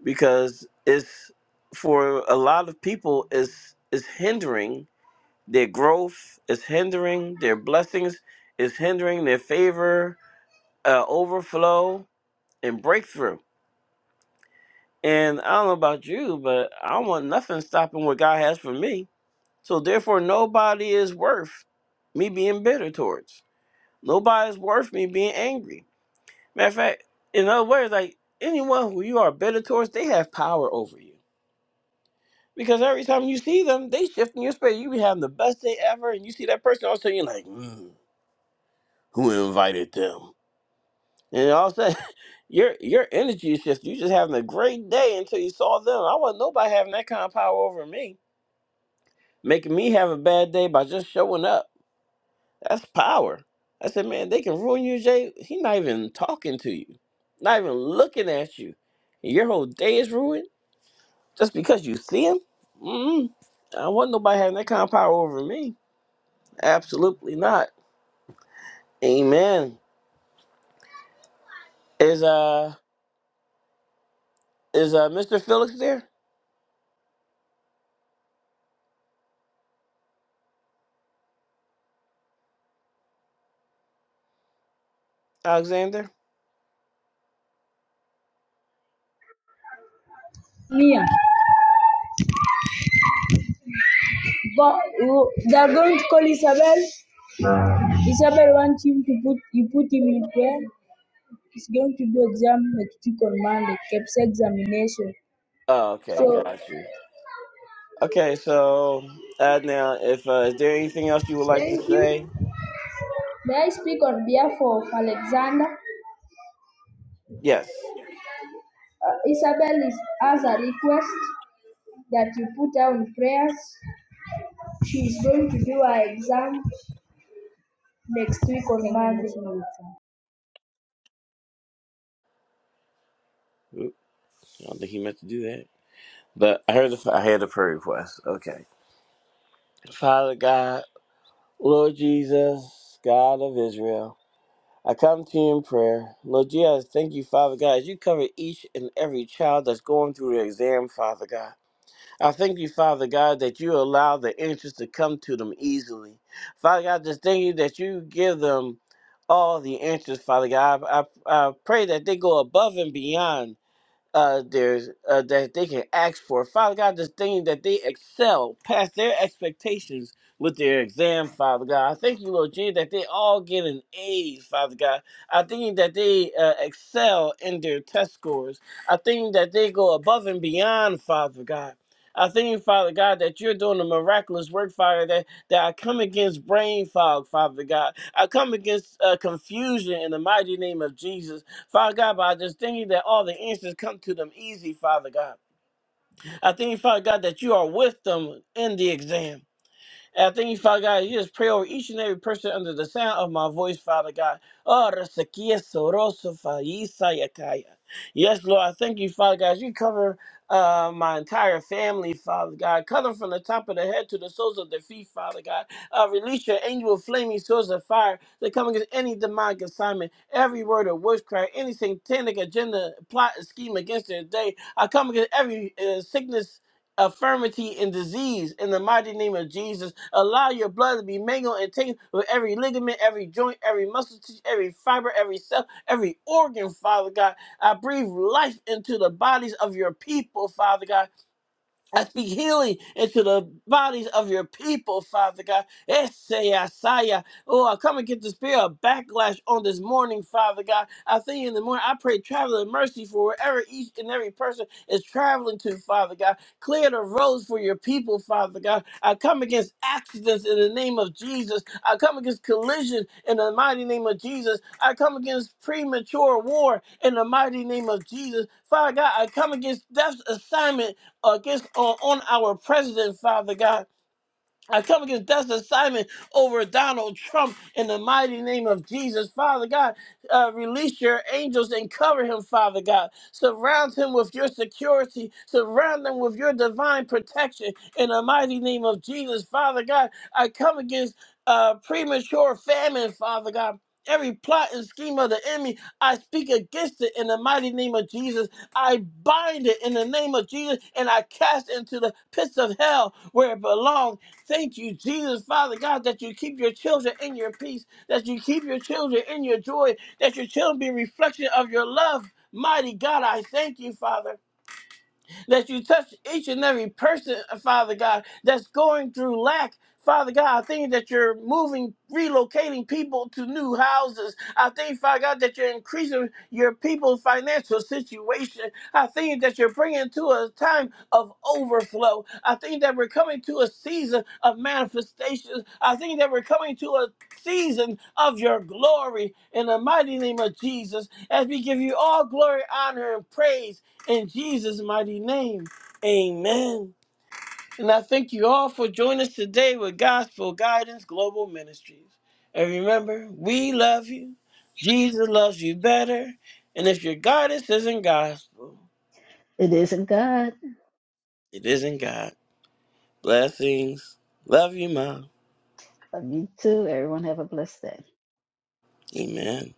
because it's for a lot of people is is hindering their growth, is hindering their blessings, is hindering their favor, uh, overflow, and breakthrough. And I don't know about you, but I don't want nothing stopping what God has for me. So therefore, nobody is worth me being bitter towards. Nobody's worth me being angry. Matter of fact, in other words, like anyone who you are bitter towards, they have power over you. Because every time you see them, they shift in your space. You be having the best day ever, and you see that person, all of a sudden you're like, mm, who invited them? And all of a sudden, your your energy is shifting. You just having a great day until you saw them. I want nobody having that kind of power over me, making me have a bad day by just showing up. That's power. I said, man, they can ruin you, Jay. He not even talking to you, not even looking at you. Your whole day is ruined just because you see him. mm I want nobody having that kind of power over me. Absolutely not. Amen. Is uh is uh Mr. Felix there, Alexander? Mia, but uh, they are going to call Isabel. Isabel wants him to put you put him in prayer. He's going to do exam next week on Monday, CAPS examination. Oh, okay, So got you. Okay, so uh, now if uh, is there anything else you would like to Thank you. say? May I speak on behalf of Alexander? Uh, Yes. Isabel is, has a request that you put her on prayers. She is going to do her exam next week on Monday. Oops, I don't think he meant to do that. But I heard the I had a prayer request. Okay. Father God, Lord Jesus, God of Israel, I come to you in prayer. Lord Jesus, thank you, Father God, as you cover each and every child that's going through their exam, Father God. I thank you, Father God, that you allow the answers to come to them easily. Father God, just thank you that you give them all the answers, Father God. I, I, I pray that they go above and beyond uh, there's uh, that they can ask for. Father God, this thing that they excel past their expectations with their exam, Father God. I thank you, Lord Jesus, that they all get an A, Father God. I thank you that they uh, excel in their test scores. I thank you that they go above and beyond, Father God. I thank you, Father God, that you're doing a miraculous work, Father, that, that I come against brain fog, Father God. I come against uh, confusion in the mighty name of Jesus. Father God, but I just thank you that all the answers come to them easy, Father God. I thank you, Father God, that you are with them in the exam. And I thank you, Father God, you just pray over each and every person under the sound of my voice, Father God. Oh, Rasakia Soroso Faisa Yes, Lord, I thank you, Father God. You cover uh, my entire family, Father God. Cover from the top of the head to the soles of their feet, Father God. Uh, release your angel of flaming swords of fire that come against any demonic assignment, every word of witchcraft, any satanic agenda, plot, and scheme against their day. I come against every uh, sickness affirmity and disease in the mighty name of Jesus. Allow your blood to be mingled and taken with every ligament, every joint, every muscle tissue, every fiber, every cell, every organ, Father God. I breathe life into the bodies of your people, Father God. I speak healing into the bodies of your people, Father God. Esayasaya. Oh, I come against the spirit of backlash on this morning, Father God. I thank you in the morning. I pray traveling mercy for wherever each and every person is traveling to, Father God. Clear the roads for your people, Father God. I come against accidents in the name of Jesus. I come against collision in the mighty name of Jesus. I come against premature war in the mighty name of Jesus. Father God, I come against death's assignment against on, on our president, Father God. I come against death's assignment over Donald Trump in the mighty name of Jesus. Father God, uh, release your angels and cover him, Father God. Surround him with your security. Surround him with your divine protection in the mighty name of Jesus. Father God, I come against uh, premature famine, Father God. Every plot and scheme of the enemy, I speak against it in the mighty name of Jesus. I bind it in the name of Jesus and I cast it into the pits of hell where it belongs. Thank you, Jesus, Father God, that you keep your children in your peace, that you keep your children in your joy, that your children be a reflection of your love. Mighty God, I thank you, Father that you touch each and every person, uh, Father God, that's going through lack. Father God, I think that you're moving, relocating people to new houses. I think, Father God, that you're increasing your people's financial situation. I think that you're bringing to us time of overflow. I think that we're coming to a season of manifestations. I think that we're coming to a season of your glory in the mighty name of Jesus as we give you all glory, honor, and praise in Jesus' mighty name. Amen. And I thank you all for joining us today with Gospel Guidance Global Ministries. And remember, we love you. Jesus loves you better. And if your guidance isn't gospel, It isn't God. it isn't God. Blessings. Love you, Mom. Love you too. Everyone have a blessed day. Amen.